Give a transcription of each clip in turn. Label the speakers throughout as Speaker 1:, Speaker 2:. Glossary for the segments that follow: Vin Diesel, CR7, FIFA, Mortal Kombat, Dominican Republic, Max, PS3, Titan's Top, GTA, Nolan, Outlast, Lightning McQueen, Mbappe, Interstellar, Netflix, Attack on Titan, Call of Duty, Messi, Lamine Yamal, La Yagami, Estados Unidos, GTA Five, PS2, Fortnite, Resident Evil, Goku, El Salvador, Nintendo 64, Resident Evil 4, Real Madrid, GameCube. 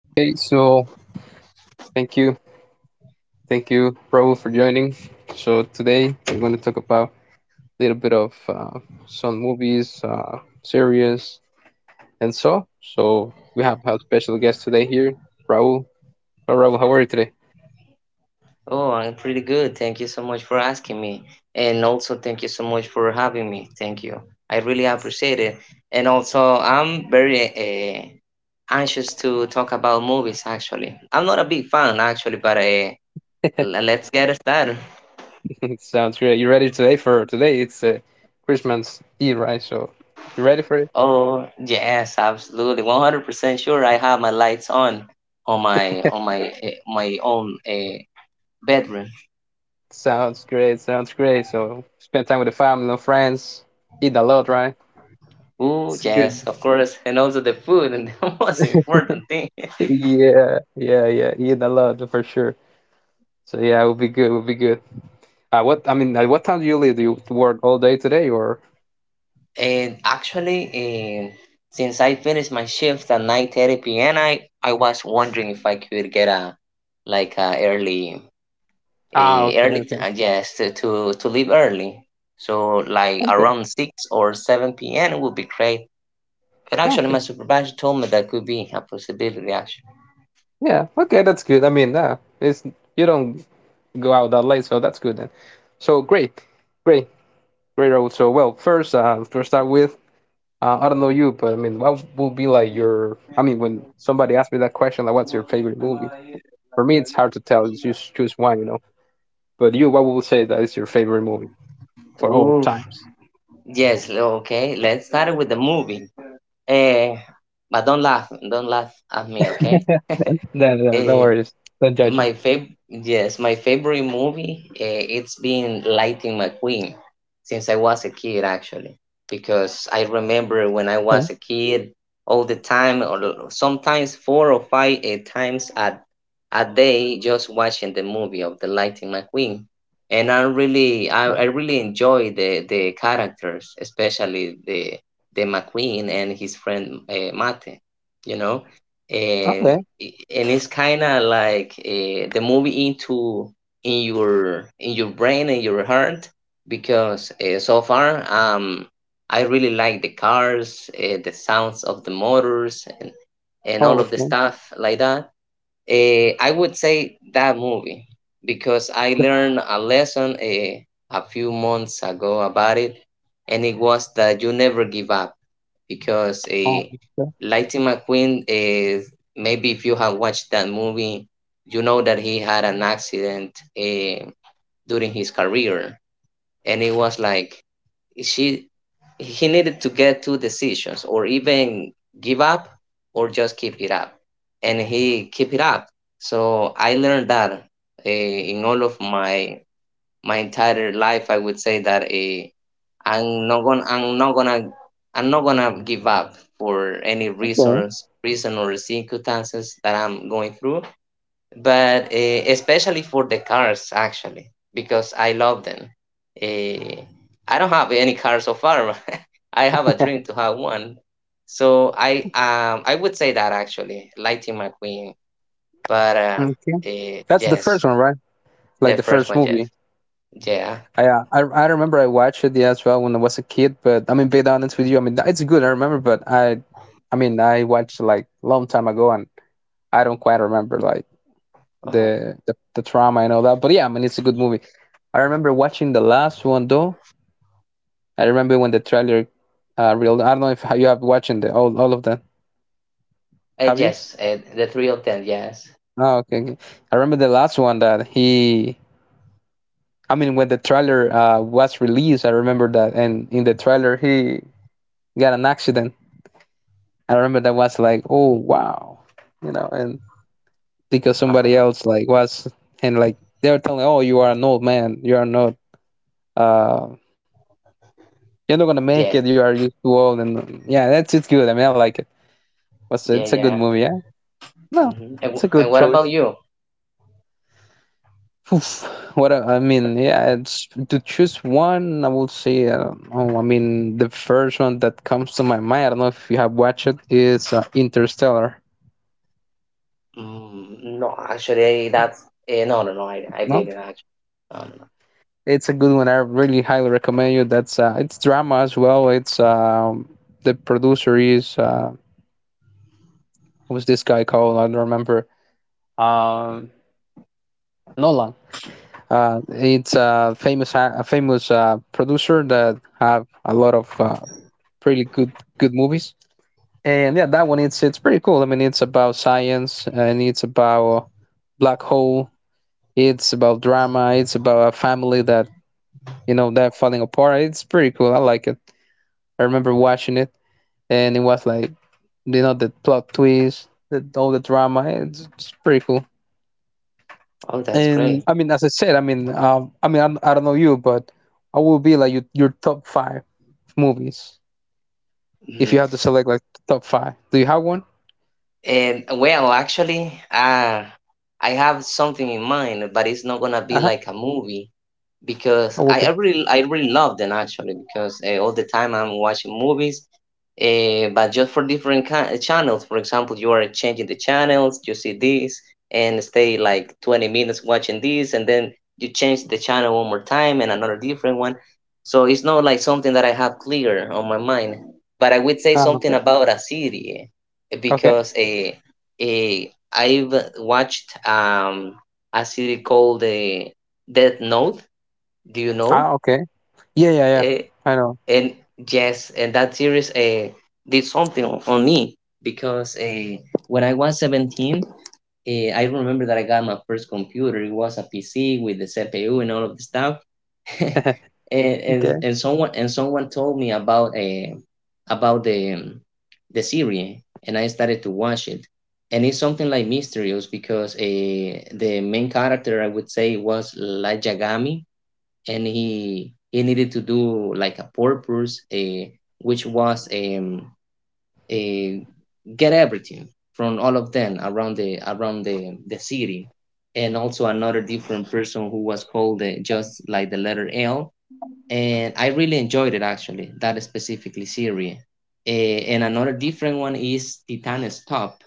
Speaker 1: Okay, so thank you. Thank you, Raul, for joining. So today we're going to talk about a little bit of some movies, series, and so. So we have our special guest today here, Raul. Oh, Raul, how are you today?
Speaker 2: Oh, I'm pretty good. Thank you so much for asking me. And also, thank you so much for having me. Thank you. I really appreciate it. And also, I'm very anxious to talk about movies, actually. I'm not a big fan, actually, but let's get started.
Speaker 1: It sounds great. You ready today for today? It's Christmas Eve, right? So you ready for it?
Speaker 2: Oh, yes, absolutely. 100% sure I have my lights on my my own bedroom.
Speaker 1: Sounds great. Sounds great. So spend time with the family and friends. Eat a lot, right?
Speaker 2: Oh,
Speaker 1: It's a
Speaker 2: yes,
Speaker 1: good.
Speaker 2: of course. And also the food and the most important thing.
Speaker 1: Yeah, yeah, yeah. Eat a lot for sure. So yeah, it would be good. It would be good. At what time do you leave? Do you work all day today or?
Speaker 2: And actually, um, since I finished my shift at 9:30 p.m., I was wondering if I could get a like a early
Speaker 1: Ah,
Speaker 2: a
Speaker 1: okay,
Speaker 2: early t-
Speaker 1: okay,
Speaker 2: uh, yes to leave early. So like
Speaker 1: okay,
Speaker 2: around 6 or 7 p.m. would be great. But actually, my
Speaker 1: okay.
Speaker 2: supervisor told me that could be a possibility. Actually,
Speaker 1: Yeah, okay, that's good. I mean, it's you don't go out that late, so that's good then. So great, great, great. Raul. So well, first, to start with, I don't know you, but I mean, what would be like your? I mean, when somebody asks me that question, like, what's your favorite movie? For me, it's hard to tell. You just choose one. But you, what would you say that is your favorite movie for all
Speaker 2: oof,
Speaker 1: times?
Speaker 2: yes, okay. Let's start with the movie. Eh, but don't laugh at me, okay?
Speaker 1: No, no, no, no
Speaker 2: Eh,
Speaker 1: worries. Don't judge him.
Speaker 2: My my favorite movie, it's been Lightning McQueen since I was a kid actually, because I remember when I
Speaker 1: Okay.
Speaker 2: was a kid all the time, or sometimes four or five times a day, just watching the movie of the Lightning McQueen, and I really enjoy the characters, especially the McQueen and his friend Mate, you know,
Speaker 1: Okay.
Speaker 2: and and it's kind of like the movie into in your brain and your heart because so far I really like the cars, the sounds of the motors, and
Speaker 1: Oh,
Speaker 2: all of the
Speaker 1: okay.
Speaker 2: stuff like that. I would say that movie because I
Speaker 1: The
Speaker 2: learned a lesson a few months ago about it, and it was that you never give up because
Speaker 1: oh, okay.
Speaker 2: Lightning McQueen is maybe if you have watched that movie, you know that he had an accident uh, during his career, and it was like she he needed to get two decisions or even give up or just keep it up and he keep it up. So I learned that in all of my entire life, I would say that I'm not gonna I'm not gonna I'm not gonna give up for any
Speaker 1: Okay.
Speaker 2: reason or circumstances that I'm going through. But especially for the cars actually because I love them. Uh, I don't have any car so far. I have a dream to have one. So I would say that actually Lightning McQueen. But uh,
Speaker 1: Okay.
Speaker 2: uh
Speaker 1: That's the first
Speaker 2: yes,
Speaker 1: one, right? Like
Speaker 2: the
Speaker 1: the
Speaker 2: first
Speaker 1: first
Speaker 2: one, yes,
Speaker 1: movie.
Speaker 2: yeah.
Speaker 1: I remember I watched it, yeah, as well when I was a kid, but I mean, be honest with you, I mean it's good. I remember, but I mean, I watched it like a long time ago, and I don't quite remember like
Speaker 2: Uh-huh.
Speaker 1: the trauma and all that. But yeah, I mean, it's a good movie. I remember watching the last one though. I remember when the trailer, real. I don't know if you have watching the all of them. Have you?
Speaker 2: Yes, the three of them. Yes.
Speaker 1: Oh, okay, okay. I remember the last one that he, I mean, when the trailer was released, I remember that, and in the trailer he got an accident. I remember that was like, oh wow, you know, and because
Speaker 2: Uh
Speaker 1: somebody
Speaker 2: huh.
Speaker 1: else like was and like they were telling, oh, you are an old man, you are not, uh, you're not gonna make
Speaker 2: Yeah.
Speaker 1: it, you are you too old, and yeah, that's it's good. I mean, I like it. Was
Speaker 2: Yeah.
Speaker 1: it's a good
Speaker 2: Yeah.
Speaker 1: movie, yeah. No,
Speaker 2: Hmm. And,
Speaker 1: it's
Speaker 2: wh-
Speaker 1: a
Speaker 2: and
Speaker 1: good
Speaker 2: what
Speaker 1: choice.
Speaker 2: about you?
Speaker 1: Oof, what a- I mean, yeah, it's to choose one. I would say, oh, I mean, the first one that comes to my mind. I don't know if you have watched it. Is Interstellar.
Speaker 2: Mm, no, actually, that's no, no, no. I
Speaker 1: No,
Speaker 2: didn't actually. No, no, no.
Speaker 1: it's a good one. I really highly recommend you. That's it's drama as well. It's the producer is what was this guy called? I don't remember. Um, Nolan. It's a famous producer that have a lot of pretty good good movies. And yeah, that one it's pretty cool. I mean, it's about science and it's about black hole, it's about drama, it's about a family that, you know, they're falling apart. It's pretty cool. I like it. I remember watching it and it was like, you know, the plot twist, the all the drama, it's pretty cool.
Speaker 2: Oh, that's
Speaker 1: And
Speaker 2: great.
Speaker 1: I mean, as I said, I mean I don't know you, but I will be like your top five movies. If
Speaker 2: hmm
Speaker 1: you have to select like top five, do you have one?
Speaker 2: And well, actually, I have something in mind, but it's not gonna be
Speaker 1: Uh-huh.
Speaker 2: like a movie, because
Speaker 1: I will
Speaker 2: I, I
Speaker 1: be
Speaker 2: really I really love them actually because all the time I'm watching movies, but just for different channels. For example, you are changing the channels, you see this and stay like 20 minutes watching this, and then you change the channel one more time and another different one. So it's not like something that I have clear on my mind. But I would say
Speaker 1: ah,
Speaker 2: something
Speaker 1: okay,
Speaker 2: about a serie
Speaker 1: okay,
Speaker 2: because uh, I've watched a series called the Death Note, do you know?
Speaker 1: ah, okay. Yeah, yeah, yeah.
Speaker 2: Eh,
Speaker 1: I know.
Speaker 2: and yes, and that series did something on me because when I was 17, I remember that I got my first computer. It was a PC with the CPU and all of the stuff. and, and
Speaker 1: Okay.
Speaker 2: and someone told me about the series, and I started to watch it. And it's something like mysterious because the main character I would say was La Yagami and he needed to do like a purpose, a which was a get everything from all of them around the city, and also another different person who was called just like the letter L. And I really enjoyed it actually that specifically series. And another different one is Titan's Top.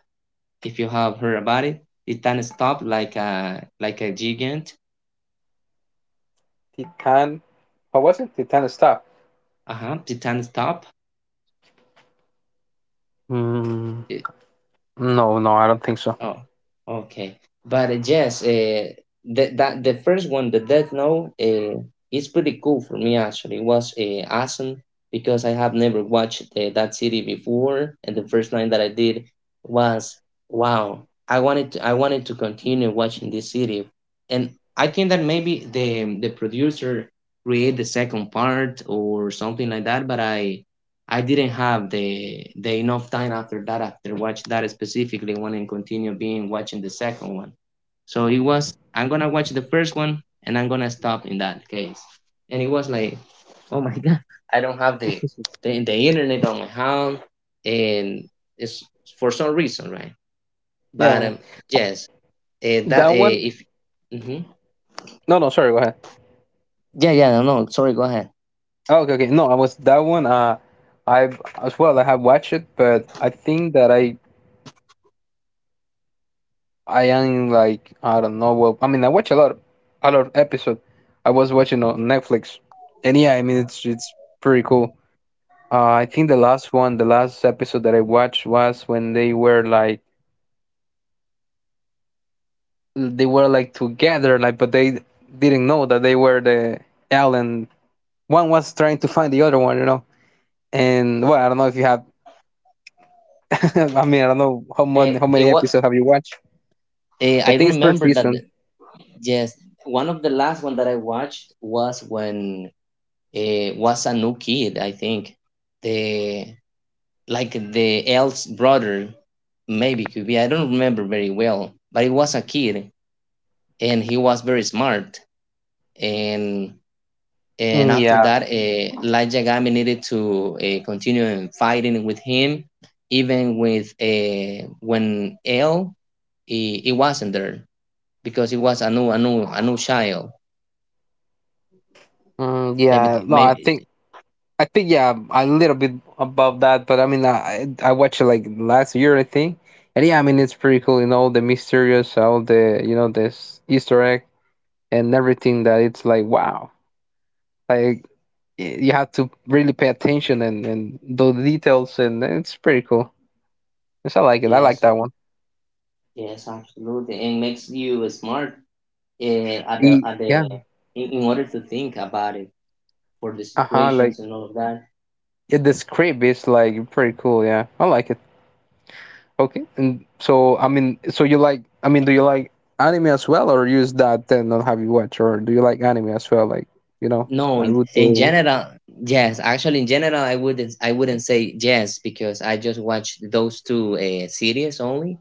Speaker 2: If you have heard about it, Titan's Top, like a gigant.
Speaker 1: Titan. Or was it Titan Star?
Speaker 2: Uh huh. Titan's Top.
Speaker 1: Mm, no, no, I don't think so.
Speaker 2: Oh, okay. But yes, the first one, the Death Note, is pretty cool for me actually. It was awesome because I have never watched that series before, and the first time that I did was wow. I wanted to continue watching this series, and I think that maybe the producer create the second part or something like that. But I didn't have the, enough time after that after watch that specifically one and continue being watching the second one. So it was I'm gonna watch the first one and I'm gonna stop in that case. And it was like, oh my god, I don't have the, the internet on my home and it's for some reason, right?
Speaker 1: Yeah,
Speaker 2: But
Speaker 1: yeah,
Speaker 2: yes, that
Speaker 1: that one.
Speaker 2: if mhm.
Speaker 1: No, no, sorry. Go ahead.
Speaker 2: Yeah, yeah, no, no, sorry, go ahead.
Speaker 1: Oh, okay, okay. No, I was that one. I as well. I have watched it, but I think that I am like I don't know. Well, I mean, I watch a lot of episode. I was watching on Netflix, and yeah, I mean, it's pretty cool. I think the last one, the last episode that I watched was when they were like together, like but they didn't know that they were the alien. One was trying to find the other one, you know. And well, I don't know if you have. I mean, I don't know how
Speaker 2: It
Speaker 1: many
Speaker 2: was.
Speaker 1: episodes have you watched, but
Speaker 2: I
Speaker 1: I think it's per
Speaker 2: remember that,
Speaker 1: season.
Speaker 2: yes, one of the last one that I watched was when it was a new kid. I think the the El's brother, maybe could be. I don't remember very well, but it was a kid, and he was very smart. And and
Speaker 1: Mm,
Speaker 2: after
Speaker 1: yeah,
Speaker 2: that, Light Yagami needed to continue in fighting with him, even with when El he wasn't there because he was a new child,
Speaker 1: mm, yeah.
Speaker 2: maybe
Speaker 1: No,
Speaker 2: maybe
Speaker 1: I think yeah, a little bit above that, but I mean, I watched it like last year, I think. And yeah, I mean, it's pretty cool, you know, the mysterious, all the you know, this Easter egg and everything that it's like wow, like you have to really pay attention and the details and it's pretty cool. Yes, I like it. I like
Speaker 2: Yes,
Speaker 1: that
Speaker 2: ab-
Speaker 1: one.
Speaker 2: yes, absolutely, and makes you smart uh, at the
Speaker 1: Y-
Speaker 2: at
Speaker 1: yeah,
Speaker 2: the in order to think about it for the
Speaker 1: uh-huh,
Speaker 2: situations
Speaker 1: like
Speaker 2: and all of that.
Speaker 1: yeah, the script is like pretty cool. Yeah, I like it. Okay. And so I mean, so you like, I mean, do you like anime as well, or use that then not have you watch, or do you like anime as well, like you know,
Speaker 2: No, in
Speaker 1: Naruto?
Speaker 2: general, yes. Actually, in general, I wouldn't say yes because I just watched those two series only,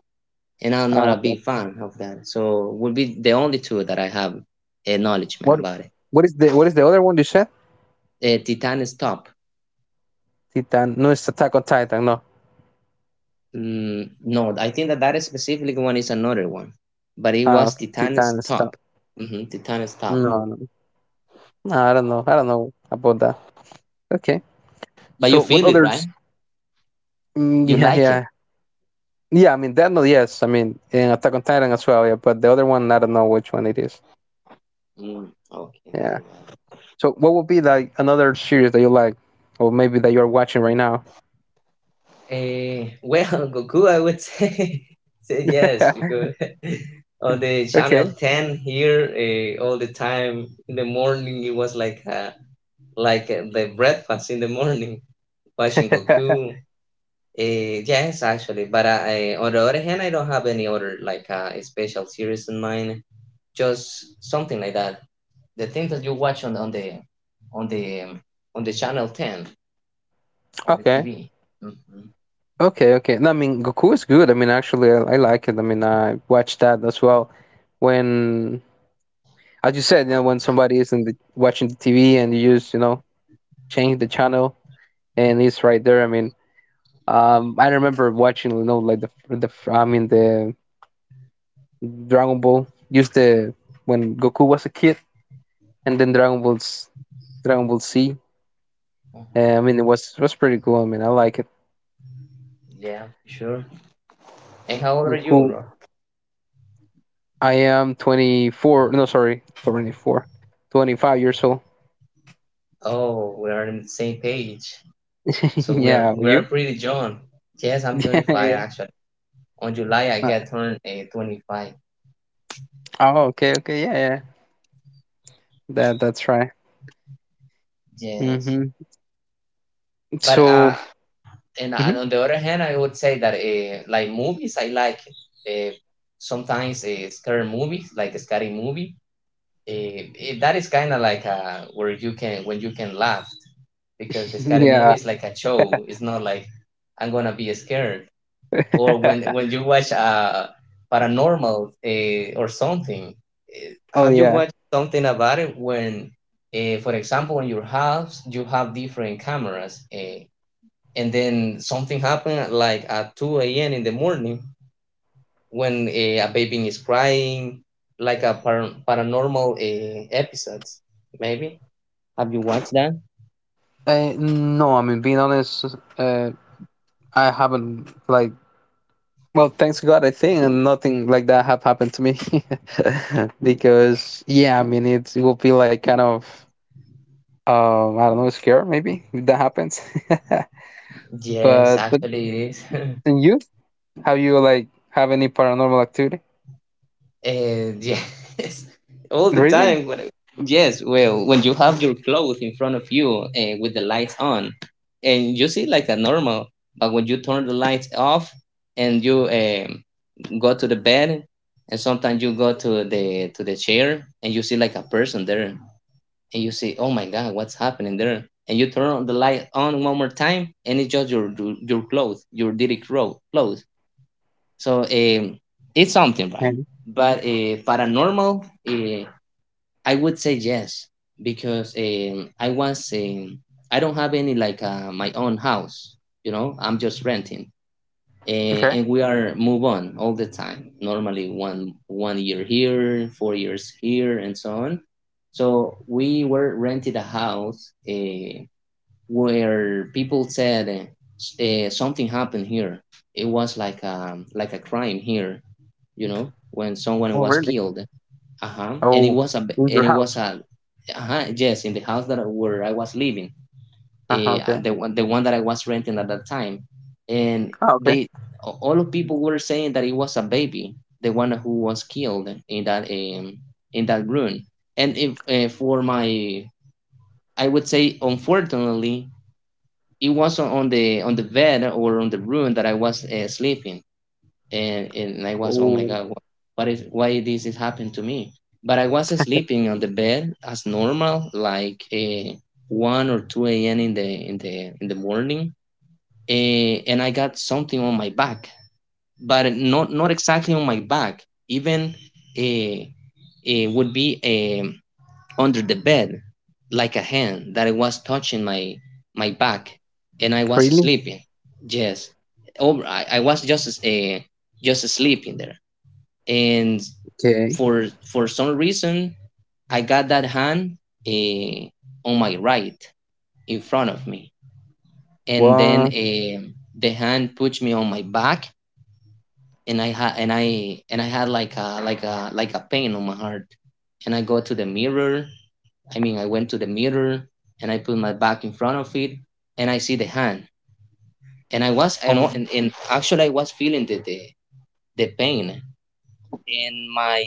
Speaker 2: and I'm not
Speaker 1: Ah,
Speaker 2: a
Speaker 1: okay.
Speaker 2: big fan of that. So would be the only two that I have acknowledgement
Speaker 1: What
Speaker 2: about
Speaker 1: what is the other one you said?
Speaker 2: it. Titan is top.
Speaker 1: Titan? No, it's Attack on Titan. No.
Speaker 2: Mm, no, I think that that specific one is another one, but it
Speaker 1: Ah,
Speaker 2: was
Speaker 1: okay. Titan
Speaker 2: Titan's
Speaker 1: stuff.
Speaker 2: top. Mm-hmm, Titan's
Speaker 1: No,
Speaker 2: top.
Speaker 1: no, no. Ah, I don't know, I don't know about that. Okay.
Speaker 2: But you
Speaker 1: So what
Speaker 2: feel it, right?
Speaker 1: others? Mm,
Speaker 2: You
Speaker 1: yeah,
Speaker 2: like it.
Speaker 1: yeah, yeah. I mean, that note, yes. I mean, and Attack on Titan as well. Yeah, but the other one, I don't know which one it is.
Speaker 2: Mm, okay, got
Speaker 1: Yeah.
Speaker 2: it. Got it.
Speaker 1: So what would be like another series that you like, or maybe that you're watching right now?
Speaker 2: Well, Goku, I would say, say yes because on the channel
Speaker 1: Okay.
Speaker 2: ten here, all the time in the morning it was like the breakfast in the morning watching Goku. Yes, actually, but on the other hand, I don't have any other like special series in mind. Just something like that. The thing that you watch on the um, on the channel ten on the
Speaker 1: Okay.
Speaker 2: TV. Mm-hmm.
Speaker 1: Okay. Okay. No, I mean, Goku is good. I mean, actually, I like it. I mean, I watched that as well. When, as you said, you know, when somebody is in the, watching the TV and you just, you know, change the channel and it's right there. I mean. I remember watching, you know, like the the Dragon Ball used the when Goku was a kid, and then Dragon Ball Z.
Speaker 2: Uh-huh.
Speaker 1: I mean, it was pretty cool. I mean, I like it.
Speaker 2: Yeah, sure. And how old are you,
Speaker 1: Goku,
Speaker 2: bro?
Speaker 1: I am 24. No, sorry, 24, 25 years old.
Speaker 2: Oh, we are on the same page. So we are
Speaker 1: Yeah, you?
Speaker 2: pretty young. Yes, I'm
Speaker 1: Yeah,
Speaker 2: 25
Speaker 1: yeah.
Speaker 2: actually. On July I
Speaker 1: Uh,
Speaker 2: get turned 25.
Speaker 1: oh, okay, okay, yeah, yeah. That that's right.
Speaker 2: Yes,
Speaker 1: Hmm.
Speaker 2: but uh,
Speaker 1: So,
Speaker 2: and, and
Speaker 1: mhm,
Speaker 2: on the other hand, I would say that like movies, I like uh, sometimes scary movies, like a scary movie. It, that is kind of like where you can when you can laugh because the scary movie
Speaker 1: yeah.
Speaker 2: is like a show. It's not like I'm gonna be scared. Or when you watch paranormal or something, eh,
Speaker 1: Oh
Speaker 2: have you
Speaker 1: yeah.
Speaker 2: watched something about it when, for example, in your house you have different cameras? And then something happened at, like at 2 a.m. in the morning when a baby is crying like a paranormal episode, maybe have you watched that?
Speaker 1: I, no, I mean being honest, uh, I haven't like, well, thanks God, I think and nothing like that have happened to me because yeah, I mean it, it will be like kind of I don't know, scared maybe if that happens.
Speaker 2: Yes,
Speaker 1: But
Speaker 2: actually, it is.
Speaker 1: and you, have you like have any paranormal activity?
Speaker 2: And yes, all the
Speaker 1: Really?
Speaker 2: time. Yes, well, when you have your clothes in front of you with the lights on, and you see like a normal, but when you turn the lights off and you go to the bed, and sometimes you go to the chair and you see like a person there, and you say, oh my god, what's happening there? And you turn the light on one more time, and it's just your clothes, your dirty clothes. So it's something, right?
Speaker 1: Okay.
Speaker 2: But paranormal, I would say yes because I don't have any like my own house. I'm just renting, and,
Speaker 1: Okay.
Speaker 2: we are move on all the time. Normally, one year here, 4 years here, and so on. So we were rented a house. Where people said s- something happened here. It was like a crime here, you know, when someone
Speaker 1: Oh,
Speaker 2: was
Speaker 1: really?
Speaker 2: killed. Uh huh. And it
Speaker 1: Oh,
Speaker 2: was a b-
Speaker 1: in your
Speaker 2: and it
Speaker 1: house?
Speaker 2: was a, uh huh. Yes, in the house that where I was living,
Speaker 1: Uh huh. Okay.
Speaker 2: the one that I was renting at that time, and
Speaker 1: Ah, okay.
Speaker 2: they all of people were saying that it was a baby, the one who was killed in that room. And if for my, I would say, unfortunately, it was on the on the bed or on the room that I was sleeping, and I was, oh my
Speaker 1: Oh,
Speaker 2: god, what is, why this is happened to me? But I was sleeping on the bed as normal, like one or two a.m. in the in the in the morning, and I got something on my back, but not exactly on my back. Even uh, it would be a under the bed like a hand that it was touching my back and I was
Speaker 1: really?
Speaker 2: sleeping. Yes. Over I was just sleeping there. And
Speaker 1: Okay.
Speaker 2: for some reason I got that hand uh, on my right in front of me. And then
Speaker 1: What?
Speaker 2: the hand pushed me on my back and I had like a like a pain on my heart. And I went to the mirror and I put my back in front of it and I see the hand. And I was, I know, and actually I was feeling the pain. And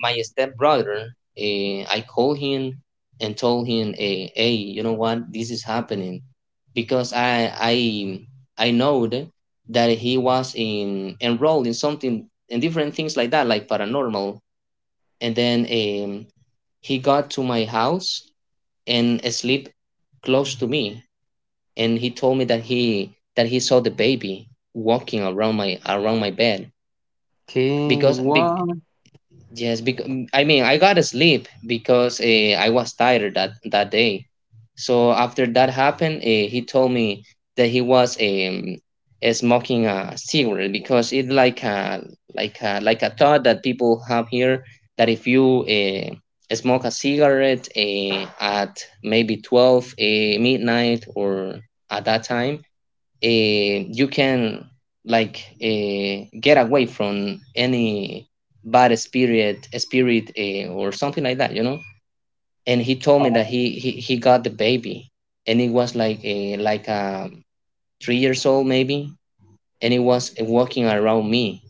Speaker 2: my stepbrother, I called him and told him, hey, you know what, this is happening. Because I know that he was enrolled in something and different things like that, like paranormal. And then he got to my house and sleep close to me and he told me that he saw the baby walking around my bed
Speaker 1: Okay.
Speaker 2: because be,
Speaker 1: What?
Speaker 2: yes, because I mean I gotta sleep because I was tired that day. So after that happened, he told me that he was smoking a cigarette because it like a like a thought that people have here that if you smoke a cigarette at maybe 12 midnight or at that time, you can like get away from any bad spirit or something like that, you know. And he told me that
Speaker 1: Oh,
Speaker 2: he got the baby and it was like a 3 years old maybe and it was walking around me.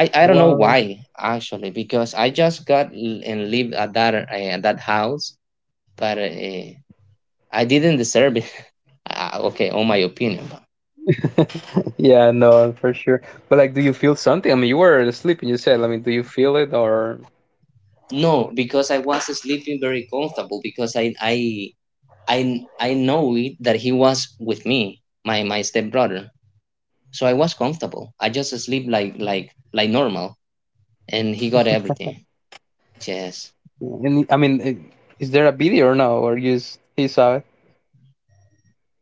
Speaker 2: I don't know
Speaker 1: what?
Speaker 2: why actually because I just got l- and lived at that house, but I didn't deserve it. Okay, on my opinion.
Speaker 1: Yeah, no, for sure. But like, do you feel something? I mean, you were sleeping. You said. I mean, do you feel it or?
Speaker 2: No, because I was sleeping very comfortable because I know it that he was with me, my stepbrother. So I was comfortable. I just sleep like like normal, and he got everything. Yes.
Speaker 1: And I mean, eh, is there a video or no? Or you just he saw it?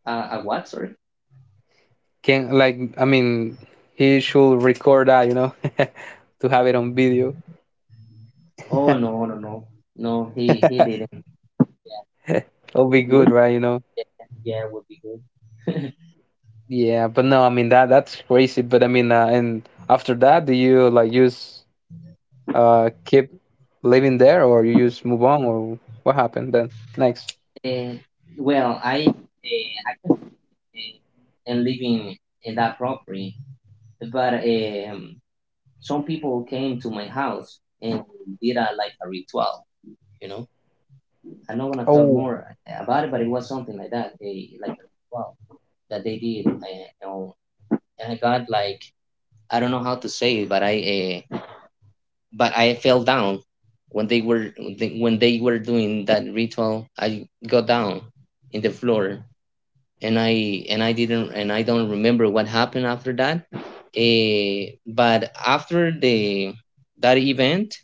Speaker 2: What? Sorry.
Speaker 1: Can like I mean, he should record that. You know, to have it on video.
Speaker 2: Oh, no. He didn't.
Speaker 1: It'll be good, right?
Speaker 2: Would,
Speaker 1: You know.
Speaker 2: yeah, would be good.
Speaker 1: Yeah, but no, I mean that that's crazy. But I mean, and after that, do you like just keep living there, or you just move on, or what happened then next?
Speaker 2: Eh, well, I can uh, am living in that property, but some people came to my house and did a, like a ritual, you know. I'm not gonna talk
Speaker 1: Oh,
Speaker 2: more about it, but it was something like that. They, like a ritual that they did, and, you know, and I got like, I don't know how to say it, but I fell down when they were when they were doing that ritual. I got down in the floor, and I didn't, and I don't remember what happened after that. But after the that event,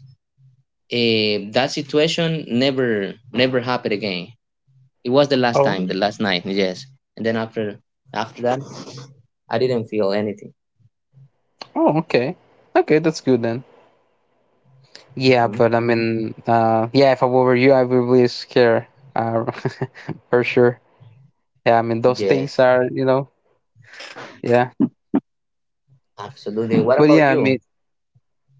Speaker 2: that situation never happened again. It was the last time,
Speaker 1: oh.
Speaker 2: the last night, yes. And then after that, I didn't feel anything.
Speaker 1: Oh, okay. Okay, that's good then. Yeah,
Speaker 2: Hmm.
Speaker 1: but I mean, yeah, if I were you, I would be scared, uh, for sure. Yeah, I mean, those things
Speaker 2: Yes,
Speaker 1: are, you know, yeah.
Speaker 2: absolutely. What
Speaker 1: But
Speaker 2: about
Speaker 1: yeah, I
Speaker 2: you?
Speaker 1: mean,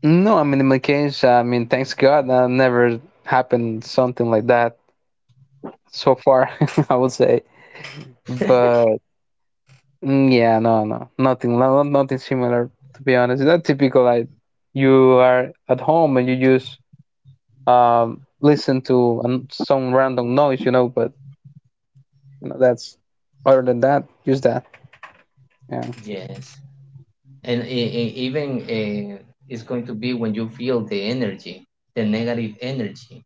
Speaker 1: no, I mean, in my case, I mean, thanks God, never happened something like that so far, I would say. But mm, yeah, no, no, nothing, no, nothing similar, to be honest. It's not typical, like, you are at home and you just listen to some random noise, you know, but you know, that's other than that, use that. Yeah.
Speaker 2: Yes, and even it's going to be when you feel the energy, the negative energy,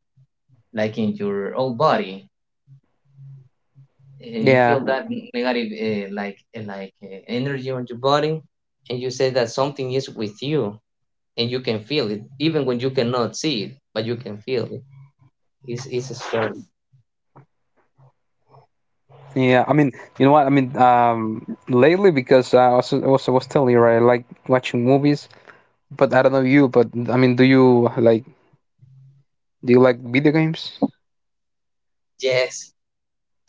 Speaker 2: like in your whole body, and you feel
Speaker 1: Yeah.
Speaker 2: that negative like energy on your body, and you say that something is with you and you can feel it even when you cannot see it, but you can feel it. It's strong,
Speaker 1: Yeah. I mean, you know what? I mean, lately because I was telling you right, I like watching movies, but I don't know you, but I mean, do you like video games?
Speaker 2: yes.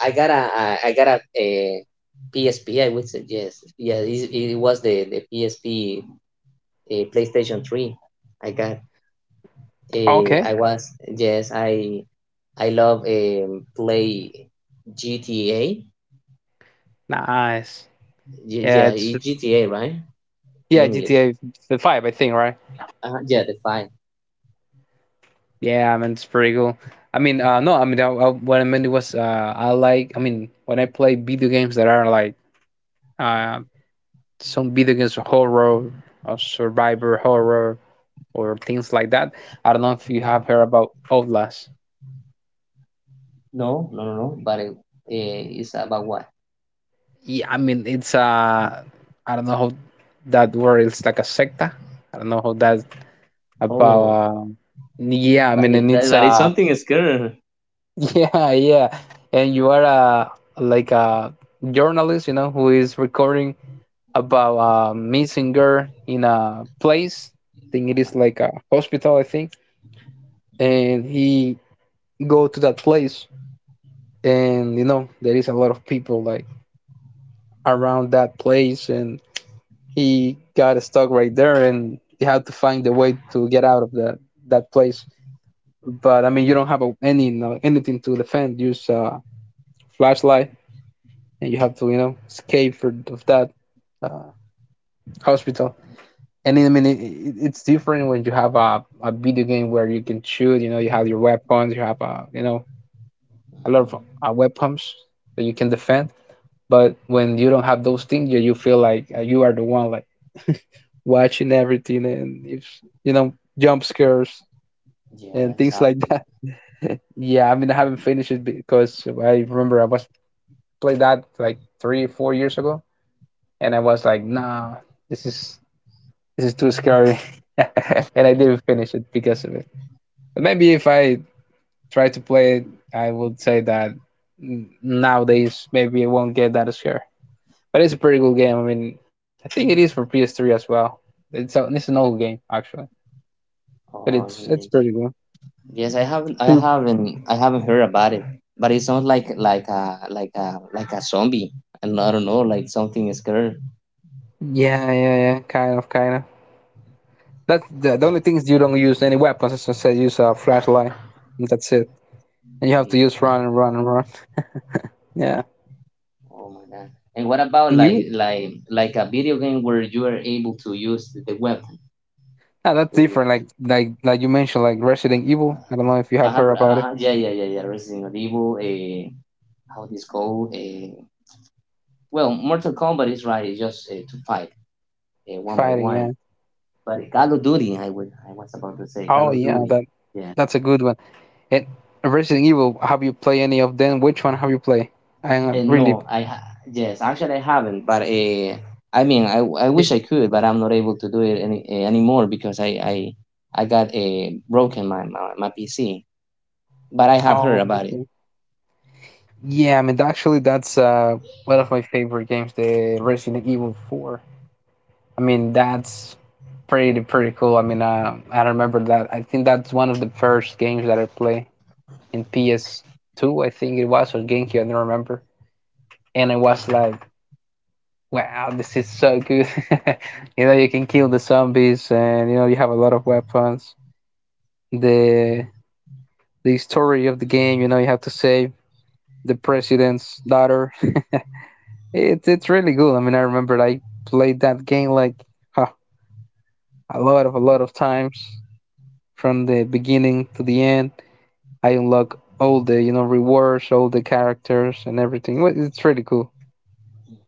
Speaker 2: I got a, I got a PSP, I would say. Yes, yeah, it was the PSP, PlayStation 3 I got.
Speaker 1: Okay.
Speaker 2: I was, yes. I love, play GTA.
Speaker 1: Nice. Yeah,
Speaker 2: Yeah,
Speaker 1: it's
Speaker 2: it's GTA, right, in
Speaker 1: yeah,
Speaker 2: English.
Speaker 1: GTA Five, I think, right?
Speaker 2: Yeah, the 5.
Speaker 1: Yeah, I mean it's pretty cool. I mean, no, I mean what I meant was I like I mean when I play video games that are like uh, some video games of horror, of survivor horror, or things like that. I don't know if you have heard about Outlast.
Speaker 2: No No, but it's about what?
Speaker 1: Yeah, I mean it's a I don't know how that word is like a secta. I don't know how that's about.
Speaker 2: Oh.
Speaker 1: Yeah, I
Speaker 2: That
Speaker 1: mean,
Speaker 2: is,
Speaker 1: and it's
Speaker 2: that is
Speaker 1: a
Speaker 2: something scary.
Speaker 1: yeah, yeah, and you are a like a journalist, you know, who is recording about a missing girl in a place. I think it is like a hospital, I think, and he go to that place, and you know there is a lot of people like around that place and he got stuck right there and he had to find a way to get out of that place. But I mean you don't have a, any no, anything to defend, use flashlight, and you have to, you know, escape of that uh, hospital. And I mean it's different when you have a video game where you can shoot, you know, you have your weapons, you have a you know, a lot of
Speaker 2: Mhm.
Speaker 1: weapons that you can defend. But when you don't have those things, yeah, you feel like you are the one like watching everything, and if you know, jump scares and
Speaker 2: Yes,
Speaker 1: things like that.
Speaker 2: absolutely.
Speaker 1: Yeah, I mean I haven't finished it because I remember I was played that like 3-4 years ago and I was like, nah, this is too scary, and I didn't finish it because of it. But maybe if I try to play it, I would say that nowadays maybe I won't get that scared. But it's a pretty good game. I mean, I think it is for PS3 as well. It's an old game actually, but
Speaker 2: Oh,
Speaker 1: it's
Speaker 2: religion.
Speaker 1: pretty good.
Speaker 2: Yes, I haven't heard about it. But it sounds like like a like a zombie, and I don't know, like something scary.
Speaker 1: Yeah, yeah, yeah. Kind of, kind of. That's the
Speaker 2: Yeah.
Speaker 1: only things, you don't use any weapons. As I said, use a flashlight. And that's it. And you have to
Speaker 2: Mm,
Speaker 1: use run and run and run. Yeah.
Speaker 2: oh my god. And what about
Speaker 1: And
Speaker 2: like
Speaker 1: you?
Speaker 2: like a video game where you are able to use the weapon
Speaker 1: Ah, that's
Speaker 2: to?
Speaker 1: different. Like you mentioned, like Resident Evil. I don't know if you have heard about it.
Speaker 2: Yeah, yeah. Resident Evil. How this go? Well, Mortal Kombat is right. It's just to fight one by
Speaker 1: Fighting.
Speaker 2: one.
Speaker 1: Yeah.
Speaker 2: But Call of Duty, I was about to say Call
Speaker 1: Oh
Speaker 2: of
Speaker 1: yeah,
Speaker 2: Duty.
Speaker 1: that
Speaker 2: Yeah.
Speaker 1: that's a good one. And Resident Evil. Have you played any of them? Which one have you played? I
Speaker 2: And
Speaker 1: really.
Speaker 2: no, yes, actually I haven't. But I mean, I wish I could, but I'm not able to do it any anymore because I got a broken my PC. But I have heard
Speaker 1: Um,
Speaker 2: about it.
Speaker 1: yeah, I mean, actually, that's one of my favorite games, the Resident Evil 4. I mean, that's pretty cool. I mean, I remember that. I think that's one of the first games that I played in PS2, I think it was, or GameCube, I don't remember. And I was like, wow, this is so good. You know, you can kill the zombies, and you know, you have a lot of weapons. The the story of the game, you know, you have to save the president's daughter. It's really good. I mean, I remember I played that game like huh, a lot of times from the beginning to the end. I unlock all the, you know, rewards, all the characters, and everything. Well, it's really cool.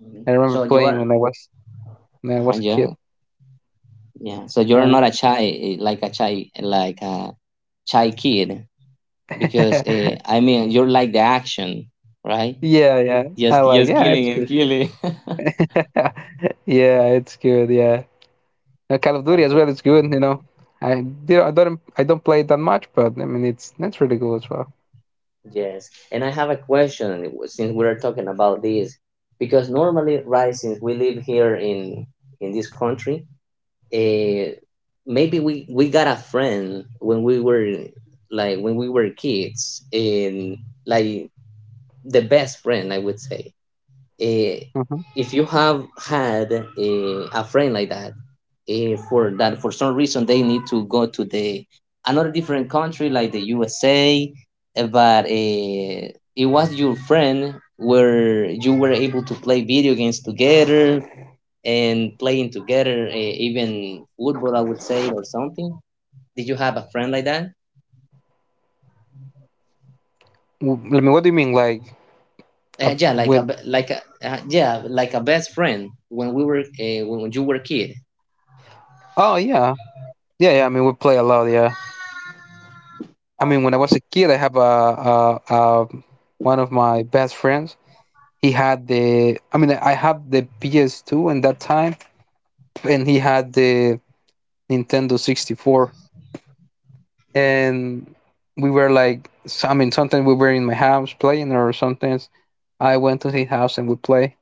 Speaker 2: Mhm.
Speaker 1: I remember
Speaker 2: So you
Speaker 1: playing
Speaker 2: are
Speaker 1: when I
Speaker 2: uh,
Speaker 1: was a kid.
Speaker 2: yeah yeah. So you're
Speaker 1: Yeah,
Speaker 2: not a shy like a shy like a shy kid because I mean you're like the action, right?
Speaker 1: yeah, yeah. I
Speaker 2: Just
Speaker 1: like yeah, it's
Speaker 2: killing and
Speaker 1: good.
Speaker 2: killing.
Speaker 1: Yeah, it's good. Yeah. Now, Call of Duty as
Speaker 2: Okay.
Speaker 1: well. It's good. You know, I don't play it that much, but I mean it's really good as well.
Speaker 2: Yes, and I have a question since we're talking about this, because normally, right, since we live here in this country, uh, maybe we got a friend when we were like when we were kids, and like the best friend, I would say. uh,
Speaker 1: Hmm.
Speaker 2: if you have had a a friend like that for that, for some reason they need to go to the another different country like the USA, but it was your friend where you were able to play video games together and playing together, even football, I would say, or something. Did you have a friend like that?
Speaker 1: I mean, what do you mean? Like,
Speaker 2: Yeah, like a
Speaker 1: with
Speaker 2: be- like a yeah, like a best friend when we were when you were a kid?
Speaker 1: oh yeah, yeah, yeah. I mean, we play a lot. Yeah. I mean, when I was a kid, I have a, one of my best friends. He had the. I mean, I have the PS2 in that time, and he had the Nintendo 64. And we were like, I mean, sometimes we were in my house playing, or sometimes I went to his house and we play.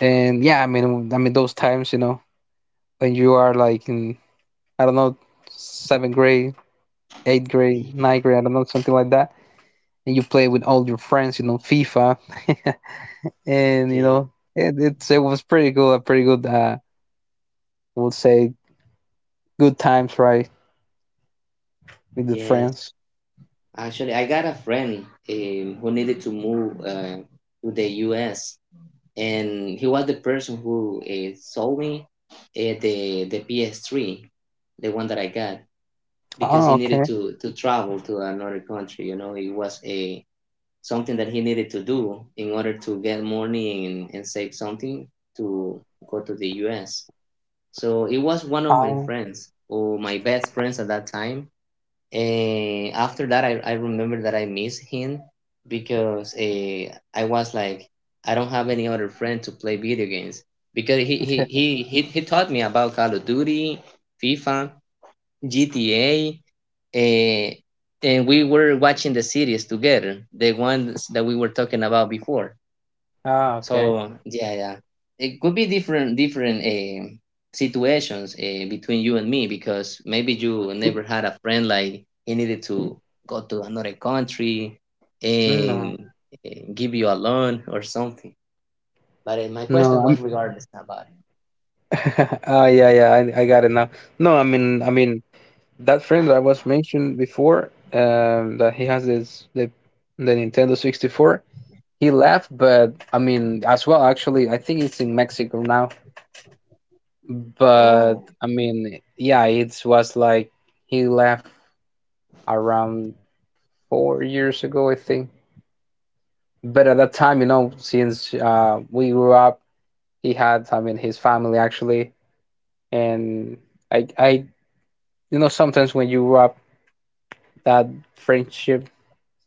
Speaker 1: And yeah, I mean those times, you know, when you are like in, I don't know, seventh grade, eighth grade,
Speaker 2: Mhm.
Speaker 1: ninth grade, I don't know, something like that, and you play with all your friends, you know, FIFA, and you know, it it was pretty cool, a pretty good, I would say, good times, right, with the
Speaker 2: Yes,
Speaker 1: friends.
Speaker 2: actually, I got a friend who needed to move to the U.S. and he was the person who sold me the PS3, the one that I got, because
Speaker 1: Oh,
Speaker 2: he needed
Speaker 1: okay.
Speaker 2: to travel to another country. You know, it was a something that he needed to do in order to get money and save something to go to the U.S. So it was one of my
Speaker 1: Oh,
Speaker 2: friends or my best friends at that time, and after that, I remember that I miss him because I was like, I don't have any other friend to play video games because he taught me about Call of Duty, FIFA, GTA, uh, and we were watching the series together, the ones that we were talking about before.
Speaker 1: Ah, okay.
Speaker 2: So yeah, yeah, it could be different situations between you and me because maybe you never had a friend like he needed to go to another country
Speaker 1: No,
Speaker 2: and, and give you a loan or something. But my
Speaker 1: no,
Speaker 2: question
Speaker 1: I'm.
Speaker 2: was regardless about it.
Speaker 1: Oh, yeah, yeah, I got it now. No, I mean that friend that I was mentioned before, that he has this the Nintendo 64. He left, but I mean, as well, actually, I think it's in Mexico now. But
Speaker 2: Oh,
Speaker 1: I mean, yeah, it was like he left around 4 years ago, I think. But at that time, you know, since we grew up, he had, I mean, his family actually, and I, you know, sometimes when you grow up, that friendship,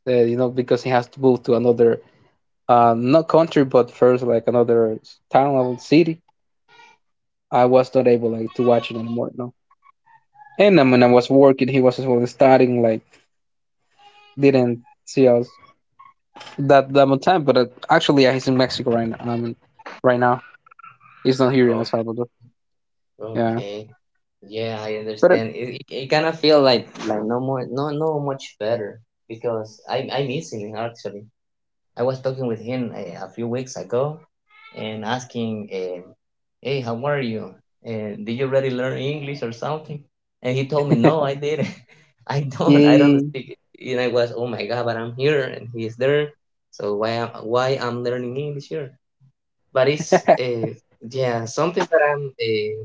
Speaker 1: you know, because he has to move to another, not country, but first like another town level city. I was not able like to watch it anymore, no. And I mean, I was working, he was as well studying, like didn't see us that much time, but actually, yeah, he's in Mexico right now. I mean, right now he's not here in El
Speaker 2: oh,
Speaker 1: Salvador. Yeah,
Speaker 2: okay. Yeah, I
Speaker 1: but
Speaker 2: understand. It kind of feel like no more, no much better because I missing it actually. I was talking with him a few weeks ago and asking, "Hey, how are you? Did you already learn English or something?" And he told me, "No, I didn't. I don't. I don't
Speaker 1: yeah,
Speaker 2: speak." It. And I was, "Oh my God!" But I'm here and he's there. So why I'm learning English here? But it's yeah, something that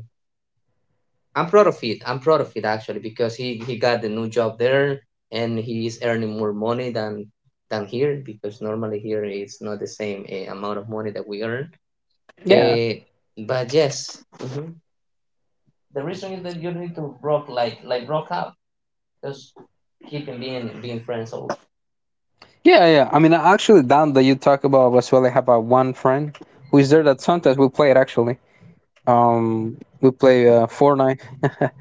Speaker 2: I'm proud of it. I'm proud of it actually because he got the new job there and he is earning more money than here because normally here it's not the same amount of money that we earn.
Speaker 1: yeah,
Speaker 2: Uh, but yes, mhm. The reason is that you need to broke like broke up. Just keep on being friends. Oh,
Speaker 1: yeah, yeah. I mean, actually, Dan, that you talk about Venezuela, I have a one friend who is there that sometimes we play it actually. We play Fortnite.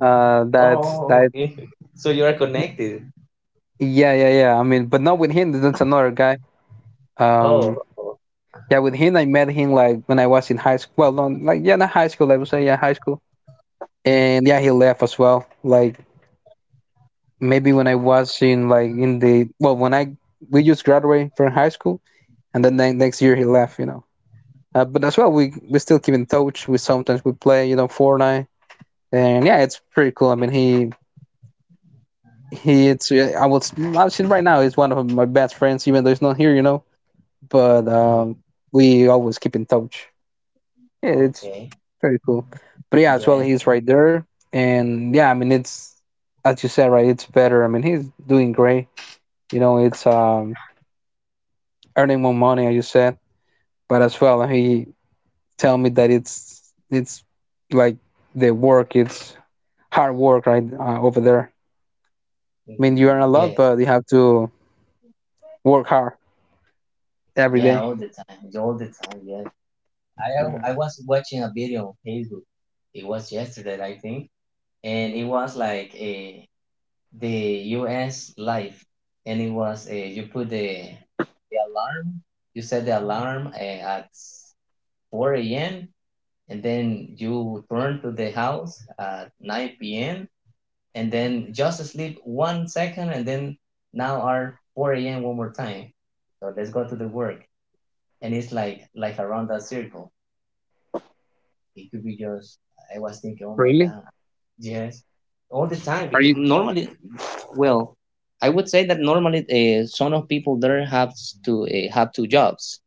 Speaker 1: that's
Speaker 2: oh,
Speaker 1: that.
Speaker 2: okay. So you are connected.
Speaker 1: Yeah, yeah, yeah. I mean, but not with him. That's another guy.
Speaker 2: Oh,
Speaker 1: Um,
Speaker 2: oh,
Speaker 1: yeah, with him, I met him like when I was in high school. Well, not like yeah, not high school. I would say yeah, high school. And yeah, he left as well. Like maybe when I was in like in the, well, when I we just graduated from high school, and then the next year he left, you know. But as well, we still keep in touch. We sometimes we play, you know, Fortnite, and yeah, it's pretty cool. I mean he, it's yeah, I was, actually right now he's one of my best friends even though he's not here, you know. But
Speaker 2: mhm,
Speaker 1: we always keep in touch. Yeah, it's
Speaker 2: okay.
Speaker 1: very cool. But yeah, as well
Speaker 2: Yes,
Speaker 1: he's right there, and yeah, I mean it's as you said, right, it's better. I mean he's doing great. You know, it's earning more money, as you said. But as well, he tell me that it's like the work, it's hard work, right, over there. I mean, you earn
Speaker 2: mhm,
Speaker 1: a lot,
Speaker 2: yes,
Speaker 1: but you have to work hard every
Speaker 2: yeah.
Speaker 1: day.
Speaker 2: All the time, all the time. Yes.
Speaker 1: Yeah.
Speaker 2: I was watching a video on Facebook. It was yesterday, I think, and it was like a the U.S. life, and it was a, you put the alarm. You set the alarm at four a.m. and then you return to the house at nine p.m. and then just sleep one second, and then now are four a.m. one more time. So let's go to the work, and it's like around that circle. It could be just I was thinking, oh my
Speaker 1: Really?
Speaker 2: god, yes, all the time.
Speaker 1: Are
Speaker 2: Because
Speaker 1: you?
Speaker 2: normally, well, I would say that normally some of people there have to have two jobs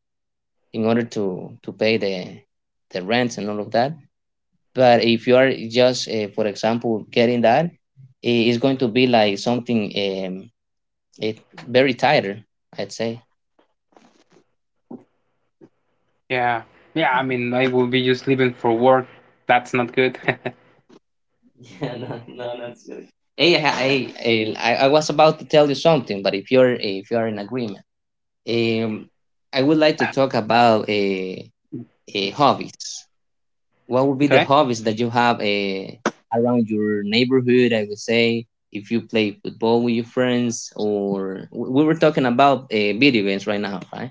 Speaker 2: in order to pay the rents and all of that. But if you are just, for example, getting that, it's going to be like something it very tighter, I'd say.
Speaker 1: Yeah. Yeah, I mean, I will be just leaving for work. That's not good.
Speaker 2: Yeah, no, no, not good. Hey, I was about to tell you something, but if you're in agreement. Um, I would like to talk about hobbies. What would be the
Speaker 1: Okay.
Speaker 2: hobbies that you have around your neighborhood? I would say if you play football with your friends, or we were talking about video games right now, right?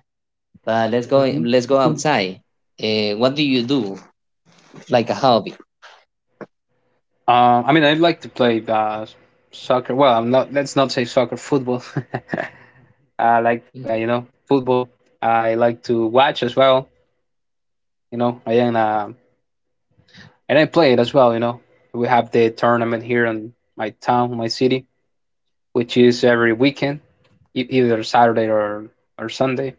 Speaker 2: But let's go. Let's go outside. What do you do like a hobby?
Speaker 1: I mean, I'd like to play soccer. Well, I'm not. Let's not say soccer. Football. I like
Speaker 2: Mm,
Speaker 1: you know, football. I like to watch as well. You know, I am a and I play it as well. You know, we have the tournament here in my town, my city, which is every weekend, either Saturday or Sunday,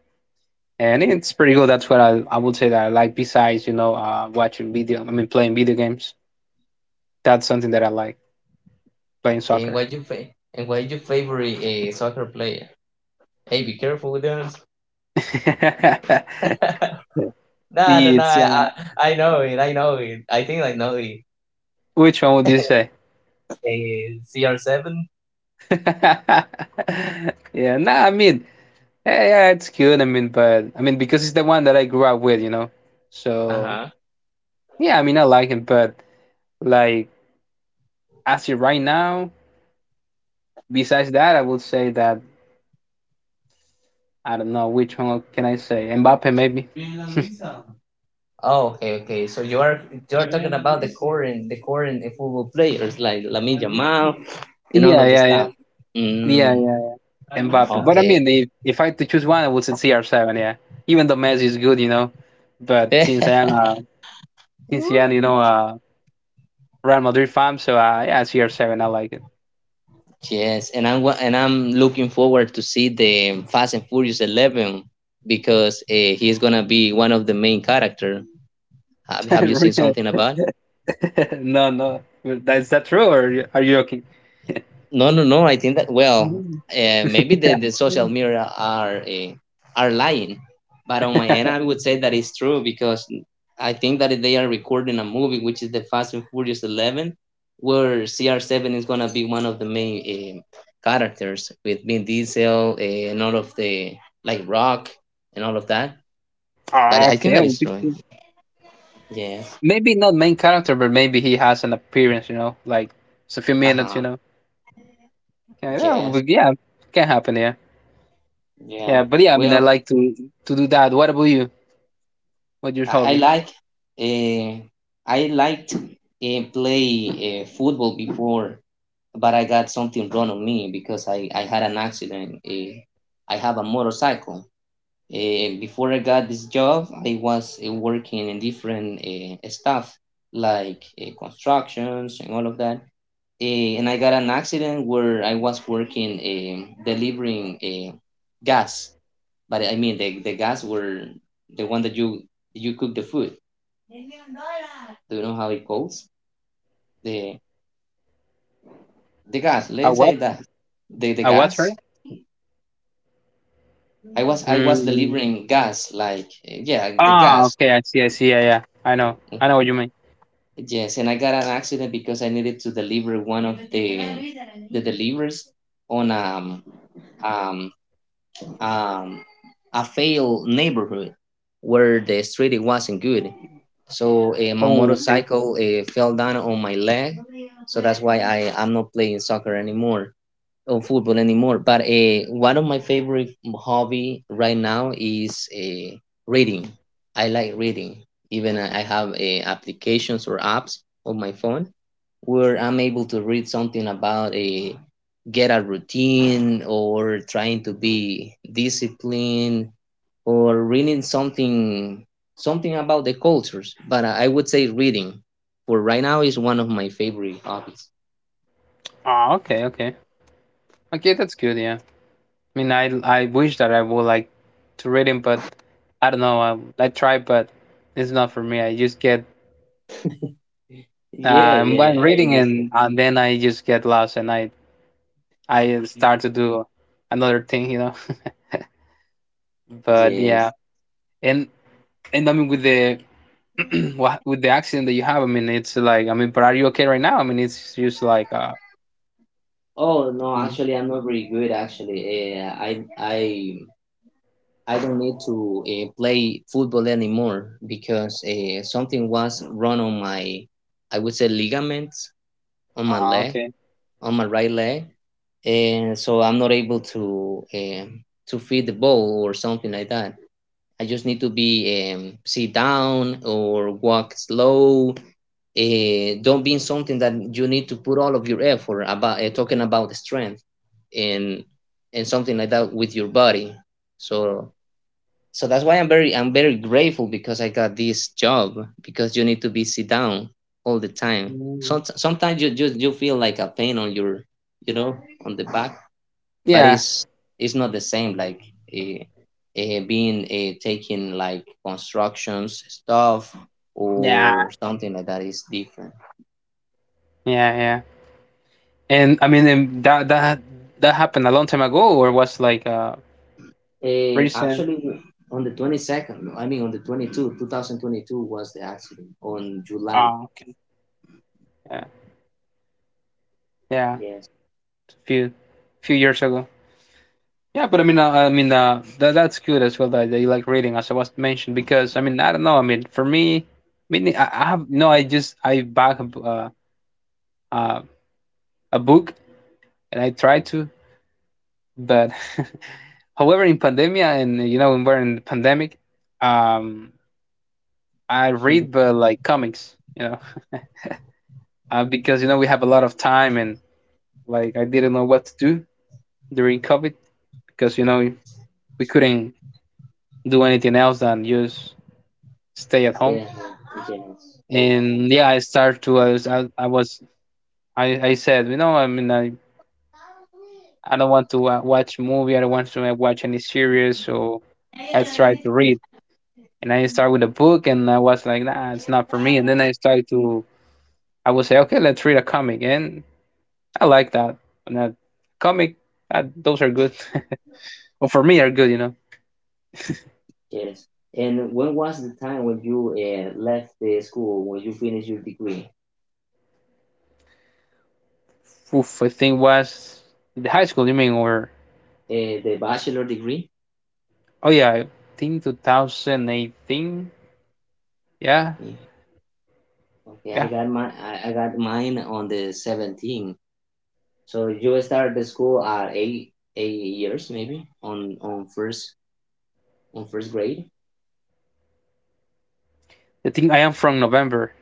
Speaker 1: and it's pretty good. That's what I would say that I like. Besides, you know, watching video, I mean, playing video games. That's something that I like, playing
Speaker 2: okay,
Speaker 1: soccer.
Speaker 2: what you and what your favorite soccer player? Hey, be careful with that. No, no, no.
Speaker 1: it's
Speaker 2: I, I I know it. I know it. I think I know it.
Speaker 1: which one would you say?
Speaker 2: A CR7?
Speaker 1: Yeah, nah, I mean, yeah, it's cute. I mean, but I mean because it's the one that I grew up with, you know.
Speaker 2: Uh
Speaker 1: So
Speaker 2: huh.
Speaker 1: yeah, I mean I like it, but like as of right now, besides that, I would say that I don't know which one can I say. Mbappe maybe.
Speaker 2: Oh, okay, okay. So you're talking about the current football players like Lamine Yamal and all
Speaker 1: Yeah,
Speaker 2: of the
Speaker 1: yeah,
Speaker 2: stuff.
Speaker 1: yeah, yeah,
Speaker 2: Mm,
Speaker 1: yeah. Mbappe. But I
Speaker 2: okay.
Speaker 1: mean, if I had to choose one, I would say CR7. Yeah, even though Messi is good, you know, but since I am you know, a Real Madrid fan, so yeah, CR7. I like it.
Speaker 2: Yes, and I'm looking forward to see the Fast and Furious 11 because he is gonna be one of the main character. Have you seen something about?
Speaker 1: No, no, that's that true, or are you joking?
Speaker 2: No, no, no. I think that well,
Speaker 1: Mhm.
Speaker 2: maybe the social media are lying, but on my end, I would say that it's true because I think that they are recording a movie, which is the Fast and Furious 11, where CR7 is gonna be one of the main characters with Vin Diesel, and all of the, like, Rock and all of that. But
Speaker 1: Oh,
Speaker 2: I think
Speaker 1: okay, I
Speaker 2: that
Speaker 1: would
Speaker 2: is
Speaker 1: be
Speaker 2: true. Yes.
Speaker 1: maybe not main character, but maybe he has an appearance, you know, like it's a few
Speaker 2: Uh
Speaker 1: minutes, you
Speaker 2: huh.
Speaker 1: know. Yeah, yeah,
Speaker 2: Yes.
Speaker 1: but yeah, can happen, yeah,
Speaker 2: Yeah.
Speaker 1: yeah. But yeah, I mean, I
Speaker 2: Well,
Speaker 1: like to do that. What about you? What's your
Speaker 2: I, I
Speaker 1: hobby?
Speaker 2: like uh, I liked play football before, but I got something wrong on me because I had an accident. I have a motorcycle. Before I got this job, I was working in different stuff like constructions and all of that. Uh, and I got an accident where I was working delivering uh, gas, but I mean the gas were the one that you cook the food, do you know how it goes? The the gas.
Speaker 1: A
Speaker 2: Let's say
Speaker 1: what?
Speaker 2: that the
Speaker 1: A what?
Speaker 2: gas.
Speaker 1: Sorry.
Speaker 2: I was
Speaker 1: Mm.
Speaker 2: delivering gas. Like, yeah, the
Speaker 1: Ah,
Speaker 2: gas.
Speaker 1: okay. I see. I see. Yeah, yeah. I know. I know what you mean.
Speaker 2: Yes, and I got an accident because I needed to deliver one of the delivers on um um a failed neighborhood where the street wasn't good. So my
Speaker 1: Oh, okay.
Speaker 2: motorcycle fell down on my leg. So that's why I am not playing soccer anymore, of football anymore. But one of my favorite hobby right now is reading. I like reading. Even I have applications or apps on my phone where I'm able to read something about a get a routine or trying to be disciplined or reading something about the cultures. But I would say reading for right now is one of my favorite hobbies.
Speaker 1: Ah, okay, okay, okay. That's good. Yeah. I mean, I wish that I would like to read him, but I don't know. I try, but it's not for me. I just get
Speaker 2: Yeah, yeah,
Speaker 1: I'm
Speaker 2: yeah. I
Speaker 1: reading
Speaker 2: understand.
Speaker 1: and then I just get lost, and I start to do another thing, you know. But yeah,
Speaker 2: Yes.
Speaker 1: and and I mean with the with the accident that you have, I mean it's like I mean, but are you okay right now? I mean it's just like
Speaker 2: Oh no,
Speaker 1: Mm.
Speaker 2: actually, I'm not very good. Actually, I don't need to play football anymore because something was wrong on my, I would say, ligaments on my
Speaker 1: Ah,
Speaker 2: leg,
Speaker 1: okay.
Speaker 2: on my right leg, and so I'm not able to feed the ball or something like that. I just need to be sit down or walk slow. Don't be in something that you need to put all of your effort about talking about the strength and and something like that with your body. So so that's why I'm very grateful because I got this job because you need to be sit down all the time.
Speaker 1: Mm.
Speaker 2: Sometimes you just you feel like a pain on your, you know on the back, but
Speaker 1: Yeah,
Speaker 2: it's not the same like uh, being taking, like, constructions stuff
Speaker 1: yeah,
Speaker 2: or something like that is different.
Speaker 1: yeah, yeah. And I mean, and that happened a long time ago, or was like recent?
Speaker 2: Actually, on the 22nd, I mean on the 22, 2022 was the accident on July.
Speaker 1: Ah okay, yeah, yeah,
Speaker 2: Yes.
Speaker 1: a few years ago. Yeah, but I mean, that's good as well, that you like reading, as I was mentioned, because I mean, I don't know. I mean, for me, I mean, I have no. I bought uh, a book and I try to, but however, in pandemia and when we're in the pandemic, um, I read but like comics, because we have a lot of time. And like I didn't know what to do during COVID because we couldn't do anything else than just stay at
Speaker 2: Stay
Speaker 1: home.
Speaker 2: at home. Yes, okay.
Speaker 1: And yeah, I started to I was I said, I mean, I don't want to watch movie. I don't want to watch any series. So I tried to read and I started with a book, and I was like, nah, it's not for me. And then I started to I would say, okay, let's read a comic, and I like that. And that comic, those are good well, for me are good,
Speaker 2: Yes. And when was the time when you left the school, when you finished your degree,
Speaker 1: oof. I think was the high school you mean? Or
Speaker 2: the bachelor degree?
Speaker 1: oh yeah, I think 2018. Yeah,
Speaker 2: Yeah. Okay, I
Speaker 1: yeah,
Speaker 2: got my I, I got mine on the 17th. So you start the school at eight eight years, maybe on first grade.
Speaker 1: I think I am from November.